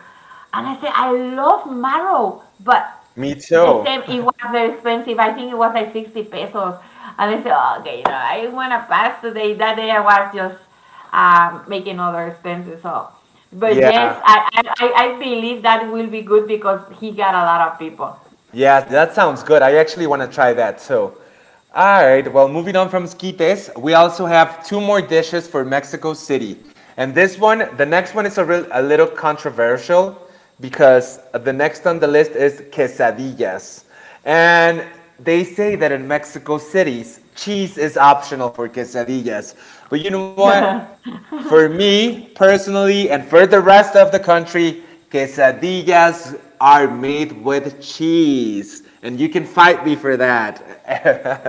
Speaker 2: And I said, I love marrow, but
Speaker 1: me too.
Speaker 2: the same, it was very expensive. I think it was like 60 pesos. And I said, "Oh, okay, you know, I want to pass today. That day I was just making other expenses. So, but
Speaker 1: Yeah.
Speaker 2: yes, I believe that will be good because he got a lot of people.
Speaker 1: Yeah, that sounds good. I actually want to try that too. All right, well, moving on from esquites, we also have two more dishes for Mexico City. And this one, the next one is a little controversial because the next on the list is quesadillas. And they say that in Mexico cities, cheese is optional for quesadillas. But you know what? For me personally, and for the rest of the country, quesadillas are made with cheese. And you can fight me for that.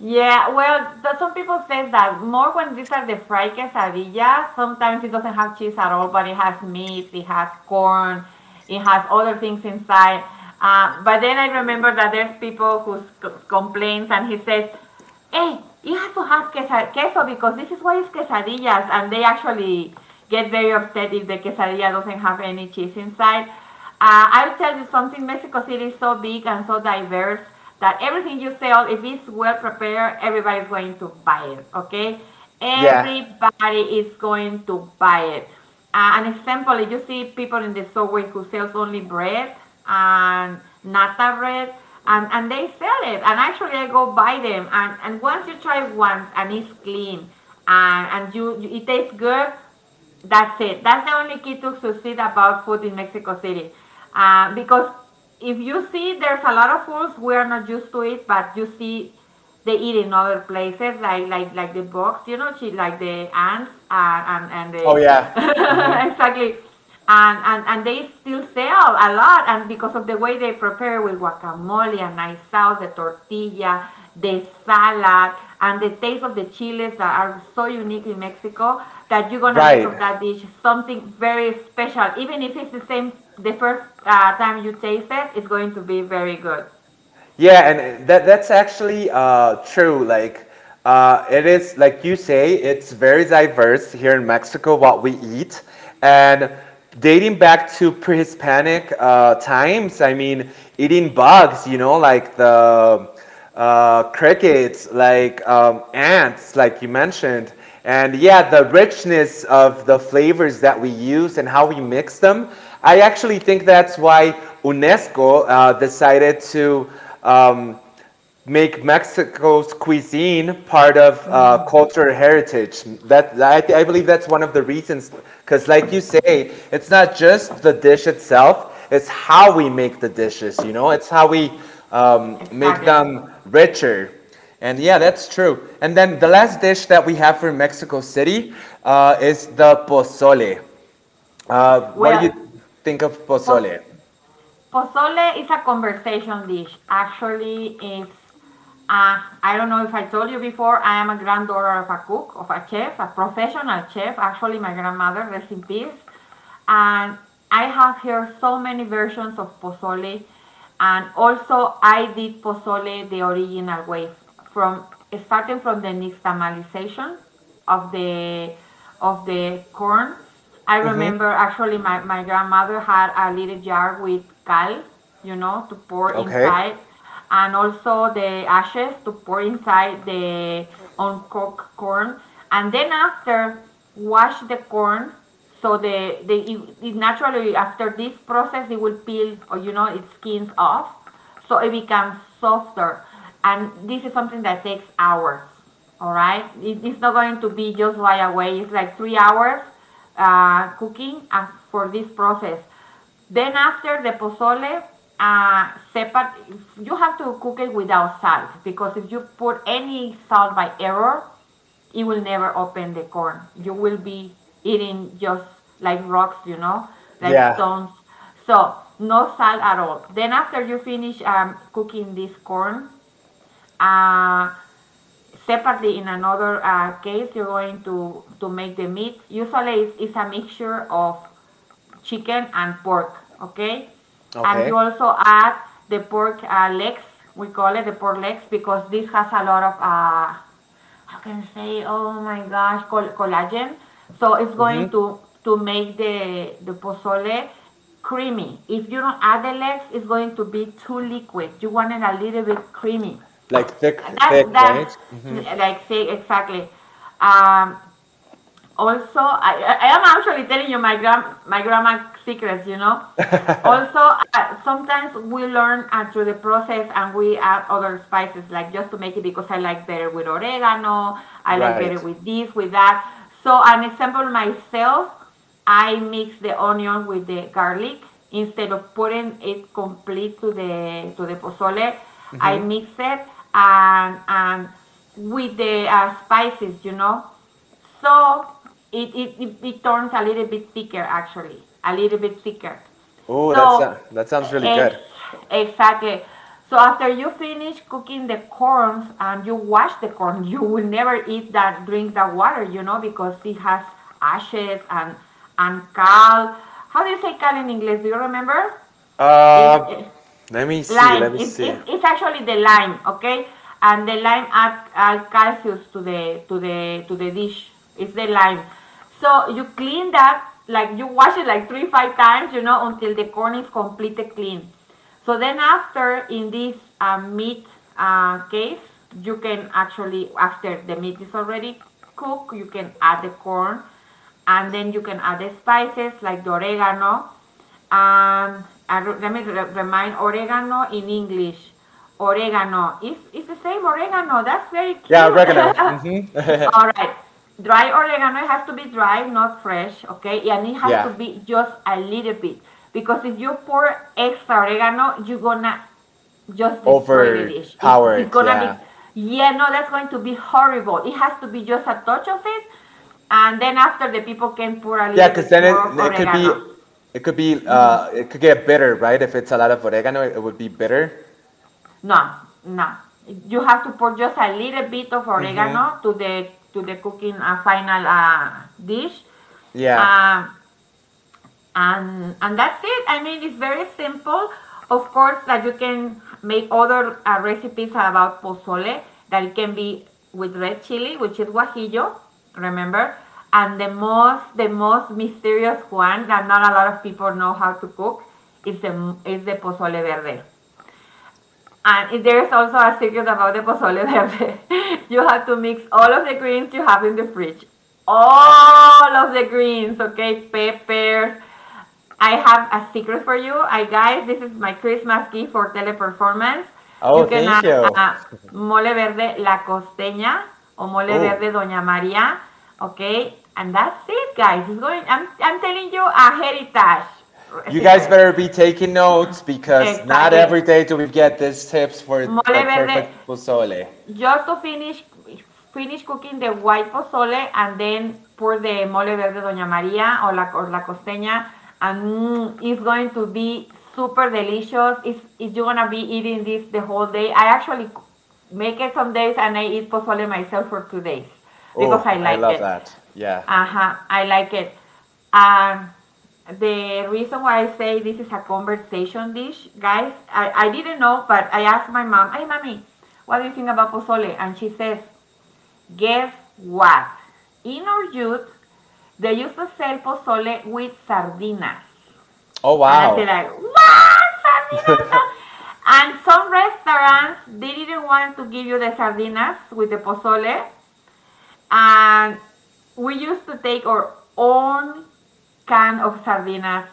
Speaker 2: Yeah, well, some people say that more when these are the fried quesadillas. Sometimes it doesn't have cheese at all, but it has meat, it has corn, it has other things inside. But then I remember that there's people complains and he says, hey, you have to have queso because this is what is quesadillas, and they actually get very upset if the quesadilla doesn't have any cheese inside. I'll tell you something. Mexico City is so big and so diverse that everything you sell, if it's well prepared, everybody's going to buy it. Okay,
Speaker 1: *laughs* Yeah.
Speaker 2: everybody is going to buy it. An example, if you see people in the subway who sells only bread and nata bread, and they sell it. And actually, I go buy them. And once you try it once and it's clean and you it tastes good, that's it. That's the only key to succeed about food in Mexico City. Because if you see, there's a lot of foods we are not used to it, but you see they eat in other places, like the box, you know, she, like the ants and the
Speaker 1: Oh, yeah.
Speaker 2: *laughs* exactly and they still sell a lot and because of the way they prepare with guacamole and nice sauce the tortilla the salad and the taste of the chiles that are so unique in Mexico that you're gonna make
Speaker 1: Right.
Speaker 2: of that dish something very special even if it's the same the first time you taste it it's going to be very good.
Speaker 1: Yeah, and that's actually true. Like, it is, like you say, it's very diverse here in Mexico what we eat. And dating back to pre Hispanic times, I mean, eating bugs, like the crickets, like ants, like you mentioned. And yeah, the richness of the flavors that we use and how we mix them. I actually think that's why UNESCO decided to um, make Mexico's cuisine part of cultural heritage. That I believe that's one of the reasons, because like you say, it's not just the dish itself; it's how we make the dishes. It's how we make
Speaker 2: Exactly.
Speaker 1: them richer. And yeah, that's true. And then the last dish that we have for Mexico City is the pozole. What do
Speaker 2: Well,
Speaker 1: you think of
Speaker 2: pues
Speaker 1: pozole?
Speaker 2: pozole is a conversation dish. Actually, it's I don't know if I told you before. I am a granddaughter of a cook, of a chef, a professional chef. Actually, my grandmother, rest in peace. And I have here so many versions of pozole. And also, I did pozole the original way, from starting from the nixtamalization of the of the corn. I remember actually my grandmother had a little jar with cal, you know, to pour
Speaker 1: Okay.
Speaker 2: inside, and also the ashes to pour inside the uncooked corn. And then after, wash the corn so it naturally after this process it will peel or you know it skins off, so it becomes softer, and this is something that takes hours. All right, it's not going to be just right away. It's like 3 hours cooking for this process. Then after the pozole, separate. You have to cook it without salt because if you put any salt by error, it will never open the corn. You will be eating just like rocks, you know, like
Speaker 1: Yeah.
Speaker 2: stones. So no salt at all. Then after you finish cooking this corn, uh, separately in another case, you're going to make the meat. Usually it's a mixture of chicken and pork, okay? And you
Speaker 1: Okay.
Speaker 2: also add the pork legs. We call it the pork legs because this has a lot of, how can I say, oh my gosh, collagen. So it's going to make the pozole creamy. If you don't add the legs, it's going to be too liquid. You want it a little bit creamy.
Speaker 1: Like thick, thick,
Speaker 2: That,
Speaker 1: right?
Speaker 2: that, like say exactly. Um, also, I am actually telling you my grandma secrets. You know. Also, sometimes we learn through the process and we add other spices, like just to make it because I like better with oregano, I like
Speaker 1: Right.
Speaker 2: better with this, with that. So, an example myself, I mix the onion with the garlic instead of putting it complete to the pozole. I mix it and with the spices, you know. So it turns a little bit thicker, actually, a little bit thicker.
Speaker 1: Oh,
Speaker 2: So,
Speaker 1: that sounds really
Speaker 2: ex-
Speaker 1: good.
Speaker 2: exactly. So after you finish cooking the corns and you wash the corn, *laughs* you will never eat that, drink that water, you know, because it has ashes and cal. How do you say cal in English? Do you remember? Is
Speaker 1: Uh, let me see.
Speaker 2: lime.
Speaker 1: Let me see.
Speaker 2: It's actually the lime, okay? And the lime add calcium to the to the dish. It's the lime. So you clean that like you wash it like 3 or 5 times, you know, until the corn is completely clean. So then after in this meat case, you can actually after the meat is already cooked, you can add the corn, and then you can add the spices like the oregano let me remind oregano in English. Oregano. It's the same oregano. That's very
Speaker 1: Yeah,
Speaker 2: cute.
Speaker 1: oregano. Mm,
Speaker 2: *laughs* All right. Dry oregano it has to be dry, not fresh, okay? And it has to
Speaker 1: yeah.
Speaker 2: be just a little bit. Because if you pour extra oregano, you're gonna just destroy the dish. It's
Speaker 1: Overpowered.
Speaker 2: gonna be,
Speaker 1: Yeah,
Speaker 2: yeah, no, that's going to be horrible. It has to be just a touch of it. And then after, the people can pour a
Speaker 1: yeah.
Speaker 2: little
Speaker 1: Because
Speaker 2: bit
Speaker 1: then
Speaker 2: more of oregano.
Speaker 1: it could get bitter, right? If it's a lot of oregano, it would be bitter.
Speaker 2: No, no, you have to put just a little bit of oregano to the cooking final dish,
Speaker 1: Yeah.
Speaker 2: uh, and that's it. I mean, it's very simple. Of course, that you can make other recipes about pozole. That it can be with red chili, which is guajillo. Remember, and the most mysterious one that not a lot of people know how to cook is the pozole verde. And there is also a secret about the pozole verde. *laughs* You have to mix all of the greens you have in the fridge. All of the greens, okay? Peppers. I have a secret for you. I guys, this is my Christmas gift for teleperformance.
Speaker 1: Oh,
Speaker 2: You can
Speaker 1: thank
Speaker 2: add
Speaker 1: you.
Speaker 2: uh, mole verde la costeña or mole
Speaker 1: Oh,
Speaker 2: verde doña María, okay? And that's it, guys. It's going. I'm telling you a heritage
Speaker 1: you guys
Speaker 2: secret.
Speaker 1: better be taking notes because not
Speaker 2: Exactly.
Speaker 1: every day do we get these tips for the
Speaker 2: Mole verde,
Speaker 1: perfect pozole.
Speaker 2: just to finish cooking the white pozole and then pour the mole verde doña María or la costeña, and it's going to be super delicious. It's you're gonna be eating this the whole day. I actually make it some days and I eat pozole myself for 2 days because
Speaker 1: Oh,
Speaker 2: I
Speaker 1: I
Speaker 2: like
Speaker 1: love
Speaker 2: it.
Speaker 1: that. Yeah.
Speaker 2: Uh-huh, I like it. Um, the reason why I say this is a conversation dish, guys, I didn't know, but I asked my mom, hey, mommy, what do you think about pozole? And she says, guess what? In our youth, they used to sell pozole with sardinas.
Speaker 1: Oh,
Speaker 2: And I said, like,
Speaker 1: wow.
Speaker 2: what? And some restaurants, they didn't want to give you the sardinas with the pozole. And we used to take our own can of sardinas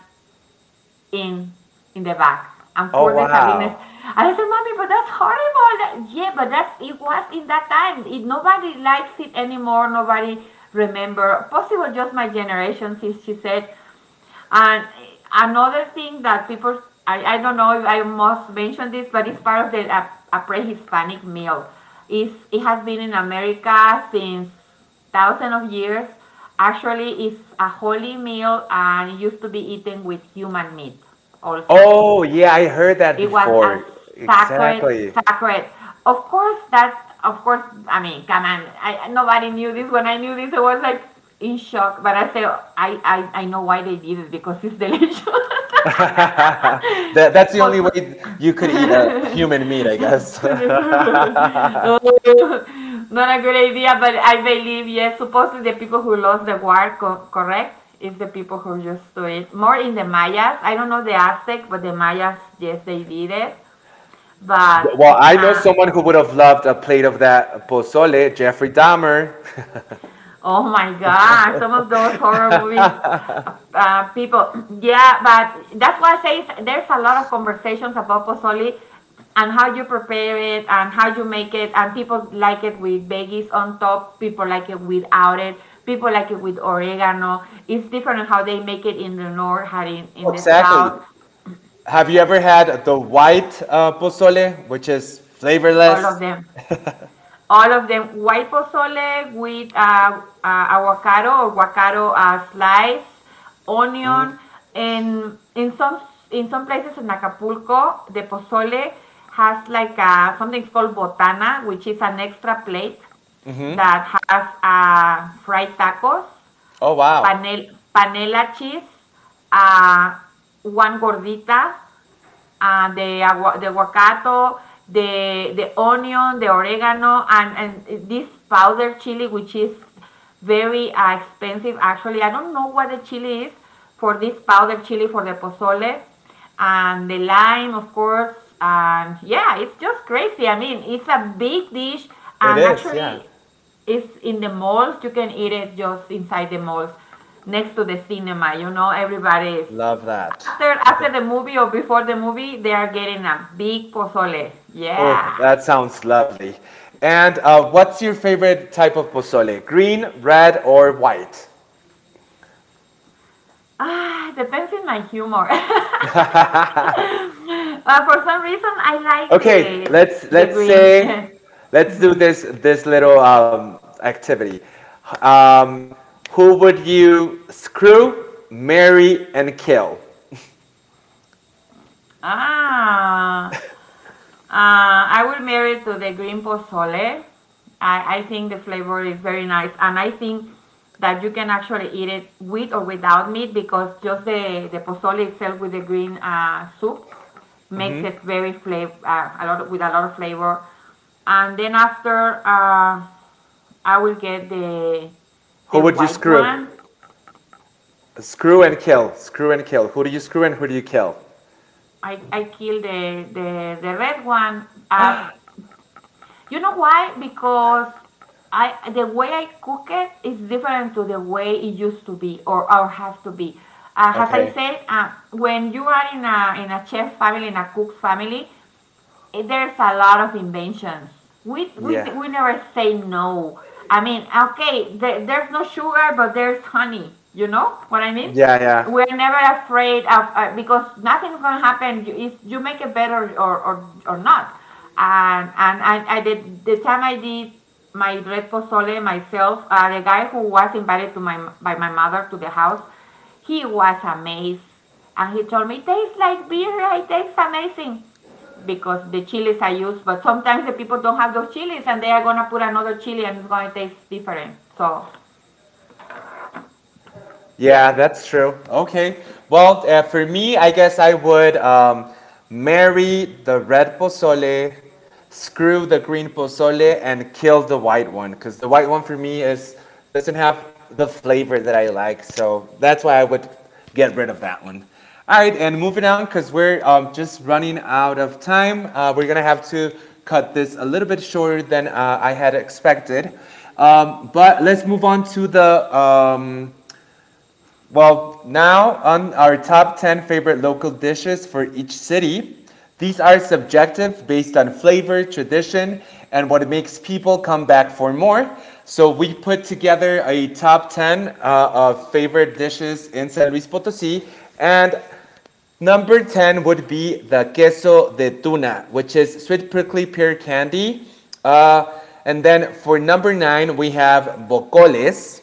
Speaker 2: in the bag and
Speaker 1: Oh,
Speaker 2: pour the sardinas.
Speaker 1: wow.
Speaker 2: And I said, "Mommy, but that's horrible." Yeah, but that's it was in that time. It, nobody likes it anymore. Nobody remember. Possible just my generation, since she said. And another thing that people, I don't know if I must mention this, but it's part of a pre-Hispanic meal. It's, it has been in America since thousands of years. Actually, it's a holy meal and used to be eaten with human meat also.
Speaker 1: Oh, yeah, I heard that
Speaker 2: It was
Speaker 1: before.
Speaker 2: a sacred,
Speaker 1: Exactly. *laughs*
Speaker 2: sacred. Of course, that's of course. I mean, come on. I, nobody knew this. When I knew this, I was like in shock. But I say I know why they did it because it's delicious. *laughs*
Speaker 1: That's the only
Speaker 2: But
Speaker 1: way you could eat a human meat, I guess. *laughs*
Speaker 2: *laughs* not a good idea. But I believe yes. Supposedly the people who lost the war, correct, is the people who just do it more in the Mayas. I don't know the Aztec, but the Mayas, yes, they did it. But
Speaker 1: Well, I know
Speaker 2: uh,
Speaker 1: someone who would have loved a plate of that pozole, Jeffrey Dahmer. *laughs*
Speaker 2: oh my God, some of those horror movies, people. *clears throat* Yeah, but that's why I say there's a lot of conversations about pozole and how you prepare it and how you make it. And people like it with veggies on top, people like it without it, people like it with oregano. It's different on how they make it in the north, how
Speaker 1: Oh,
Speaker 2: in the
Speaker 1: exactly.
Speaker 2: south,
Speaker 1: Have you ever had the white pozole, which is
Speaker 2: all of
Speaker 1: flavorless?
Speaker 2: them. All of them white pozole with avocado or guacaro slice, onion, and in some places in Acapulco, the pozole has like a, something called botana, which is an extra plate that has fried tacos,
Speaker 1: Oh, wow.
Speaker 2: panel, panela cheese, uh, one gordita, the guacato, the onion, the oregano, and this powder chili, which is very expensive. Actually, I don't know what the chili is for this powder chili for the pozole, and the lime, of course. And yeah, it's just crazy. I mean, it's a big dish,
Speaker 1: It
Speaker 2: and
Speaker 1: is, yeah.
Speaker 2: actually, it's in the malls. You can eat it just inside the malls, next to the cinema. You know, everybody's.
Speaker 1: Love that.
Speaker 2: After the movie or before the movie, they are getting a big pozole.
Speaker 1: Oh,
Speaker 2: Yeah.
Speaker 1: that sounds lovely. And what's your favorite type of pozole? Green, red, or white?
Speaker 2: Ah, depends in my humor. *laughs* For some reason, I like
Speaker 1: Okay, let's
Speaker 2: the
Speaker 1: let's
Speaker 2: green.
Speaker 1: say
Speaker 2: *laughs*
Speaker 1: let's do this little activity. Um, who would you screw, marry, and kill?
Speaker 2: ah, I will marry to the green pozole. I think the flavor is very nice, and I think that you can actually eat it with or without meat because just the pozole itself with the green soup makes it very flavor a lot with a lot of flavor. And then after, I will get the
Speaker 1: Who would you
Speaker 2: white
Speaker 1: screw?
Speaker 2: one.
Speaker 1: Screw and kill. Screw and kill. Who do you screw and who do you kill?
Speaker 2: I kill the red one. Up. You know why? Because I the way I cook it is different to the way it used to be or have to be. As I
Speaker 1: Okay.
Speaker 2: said, when you are in a chef family, in a cook family, there's a lot of inventions. We we
Speaker 1: Yeah.
Speaker 2: we never say no. I mean, okay, there's no sugar, but there's honey. You know what I mean?
Speaker 1: Yeah, yeah.
Speaker 2: We're never afraid of because nothing's gonna happen. You, if you make it better or or not. And I did the time I did my red pozole myself. The guy who was invited to my mother to the house, he was amazed, and he told me it tastes like beer. It tastes amazing because the chilies I use, but sometimes the people don't have those chilies and they are gonna put another chili and it's gonna taste different. So yeah,
Speaker 1: Yeah, that's true. Okay. Well, for me, I guess I would marry the red pozole, screw the green pozole, and kill the white one because the white one for me is doesn't have the flavor that I like. So that's why I would get rid of that one. All right, and moving on because we're just running out of time. We're gonna have to cut this a little bit shorter than I had expected. But let's move on to the um, well, Now on our top 10 favorite local dishes for each city. These are subjective based on flavor, tradition, and what makes people come back for more. So we put together a top 10 of favorite dishes in San Luis Potosi. And number 10 would be the queso de tuna, which is sweet prickly pear candy. Uh, and then for number 9, we have bocoles.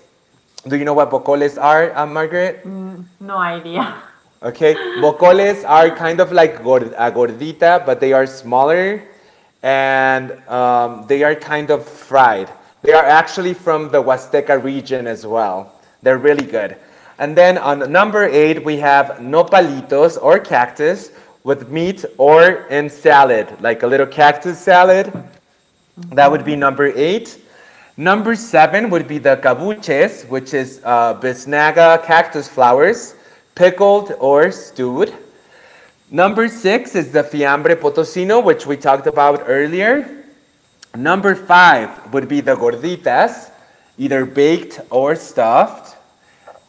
Speaker 1: Do you know what bocoles are, Margaret?
Speaker 2: mm, no idea.
Speaker 1: Okay, bocoles are kind of like a gordita, but they are smaller and they are kind of fried. They are actually from the Huasteca region as well. They're really good. And then on number eight, we have nopalitos or cactus with meat or in salad, like a little cactus salad that would be number eight. Number seven would be the cabuches, which is bisnaga cactus flowers, pickled or stewed. Number six is the fiambre potosino, which we talked about earlier. Number five would be the gorditas, either baked or stuffed.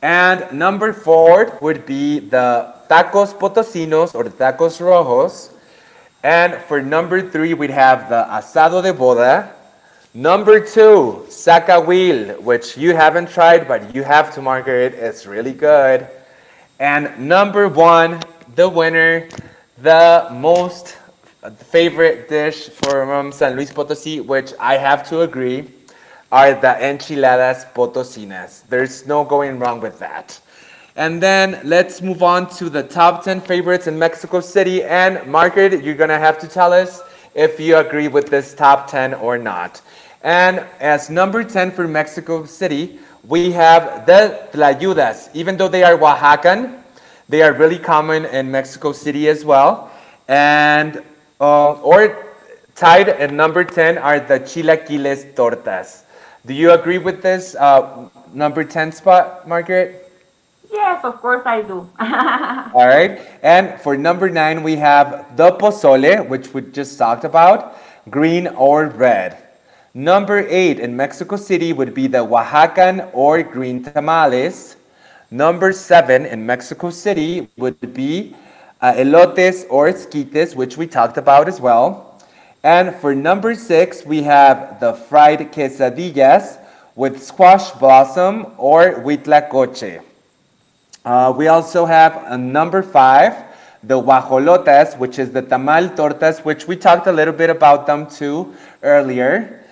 Speaker 1: And number four would be the tacos potosinos or the tacos rojos, and for number three, we'd have the asado de boda. Number two, sacahuil, which you haven't tried, but you have to, Margaret. It's really good. And number one, the winner, the most favorite dish from San Luis Potosi, which I have to agree, are the enchiladas potosinas. There's no going wrong with that. And then let's move on to the top 10 favorites in Mexico City. And Margaret, you're going to have to tell us if you agree with this top 10 or not. And as number 10 for Mexico City, we have the Tlayudas. Even though they are Oaxacan, they are really common in Mexico City as well. And, or tied at number 10 are the Chilaquiles Tortas. Do you agree with this number 10 spot, Margaret?
Speaker 2: *laughs* Yes, of course I do. *laughs*
Speaker 1: All right. And for number nine, we have the pozole, which we just talked about, green or red. Number eight in Mexico City would be the Oaxacan or green tamales. Number seven in Mexico City would be elotes or esquites, which we talked about as well. And for number six, we have the fried quesadillas with squash blossom or huitlacoche. We also have a number five, the guajolotas, which is the tamal tortas, which we talked a little bit about them too earlier.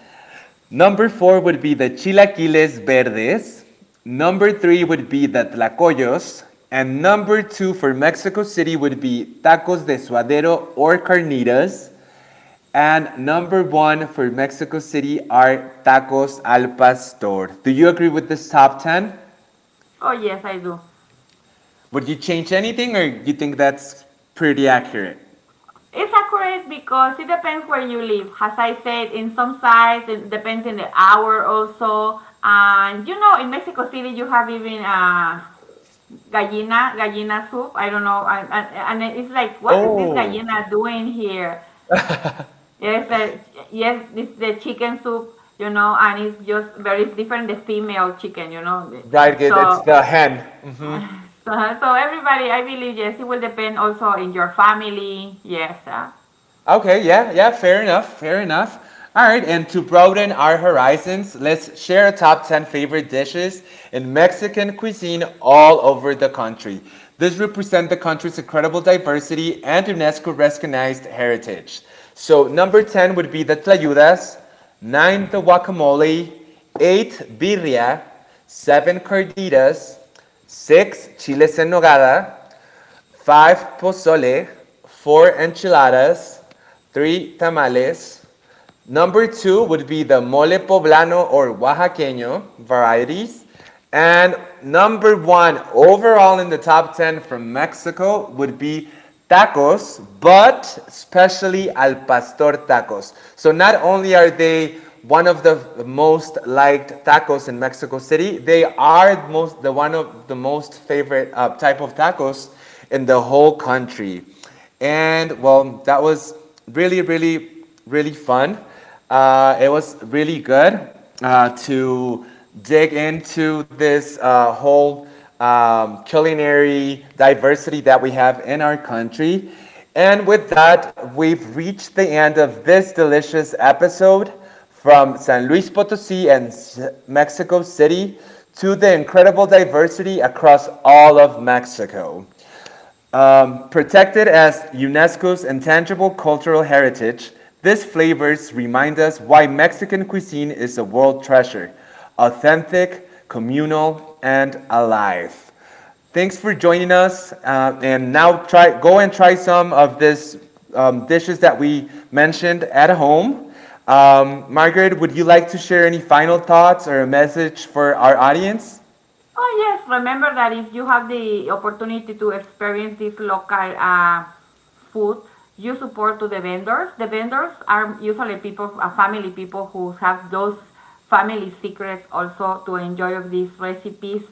Speaker 1: Number four would be the chilaquiles verdes. Number three would be the tlacoyos. And number two for Mexico City would be tacos de suadero or carnitas. And number one for Mexico City are tacos al pastor. Do you agree with this top 10?
Speaker 2: Oh yes, I do.
Speaker 1: Would you change anything, or you think that's pretty accurate?
Speaker 2: It's accurate because it depends where you live. As I said, in some sites it depends in the hour also. And you know, in Mexico City you have even gallina gallina soup. I don't know, and it's like, what is this
Speaker 1: Oh,
Speaker 2: gallina doing here? Yes, yes, it's the chicken soup, you know, and it's just very different the female chicken, you know.
Speaker 1: right. It's
Speaker 2: So,
Speaker 1: the hen.
Speaker 2: so, so everybody, I believe, yes, it will depend also in your family. Yes.
Speaker 1: Okay, yeah, yeah, fair enough, fair enough. All right, and to broaden our horizons, let's share our top 10 favorite dishes in Mexican cuisine all over the country. This represents the country's incredible diversity and UNESCO recognized heritage. So, number 10 would be the tlayudas, 9 the guacamole, 8 birria, 7 carditas, 6 chiles en nogada, five pozole, four enchiladas, three tamales. Number two would be the mole poblano or oaxaqueño varieties. And number one overall in the top 10 from Mexico would be tacos, but especially al pastor tacos. So not only are they one of the most liked tacos in Mexico City, they are most the one of the most favorite type of tacos in the whole country. And well, that was really, really, really fun. It was really good to dig into this whole culinary diversity that we have in our country. And with that, we've reached the end of this delicious episode from San Luis Potosi and Mexico City to the incredible diversity across all of Mexico. Protected as UNESCO's intangible cultural heritage, these flavors remind us why Mexican cuisine is a world treasure authentic, communal, and alive. Thanks for joining us. And now try go and try some of these dishes that we mentioned at home. Margaret, would you like to share any final thoughts or a message for our audience?
Speaker 2: Oh, yes. Remember that if you have the opportunity to experience this local food, you support to the vendors. The vendors are usually people, family people who have those family secrets also to enjoy of these recipes.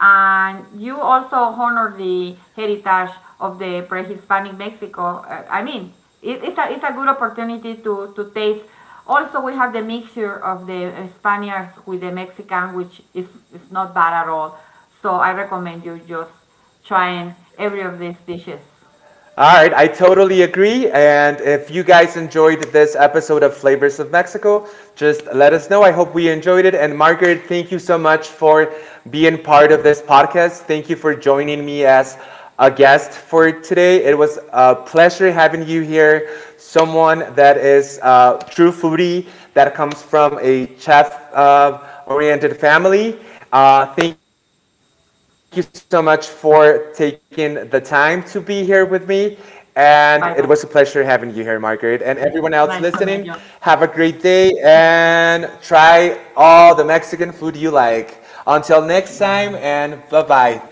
Speaker 2: And you also honor the heritage of the pre-Hispanic Mexico. I mean, it's a good opportunity to taste. Also, we have the mixture of the Spaniards with the Mexican, which is not bad at all. So I recommend you just trying every of these dishes.
Speaker 1: All right, I totally agree. And if you guys enjoyed this episode of Flavors of Mexico, just let us know. I hope we enjoyed it. And Margaret, thank you so much for being part of this podcast. Thank you for joining me as a guest for today. It was a pleasure having you here. Someone that is a true foodie, that comes from a chef oriented family. Thank you so much for taking the time to be here with me. And it was a pleasure having you here,
Speaker 2: Bye
Speaker 1: Margaret.
Speaker 2: bye.
Speaker 1: And everyone else listening, have a great
Speaker 2: Nice to
Speaker 1: day
Speaker 2: meet you.
Speaker 1: and try all the Mexican food you like. Until next time, and bye bye.
Speaker 2: Bye.
Speaker 1: Thank you, Margaret.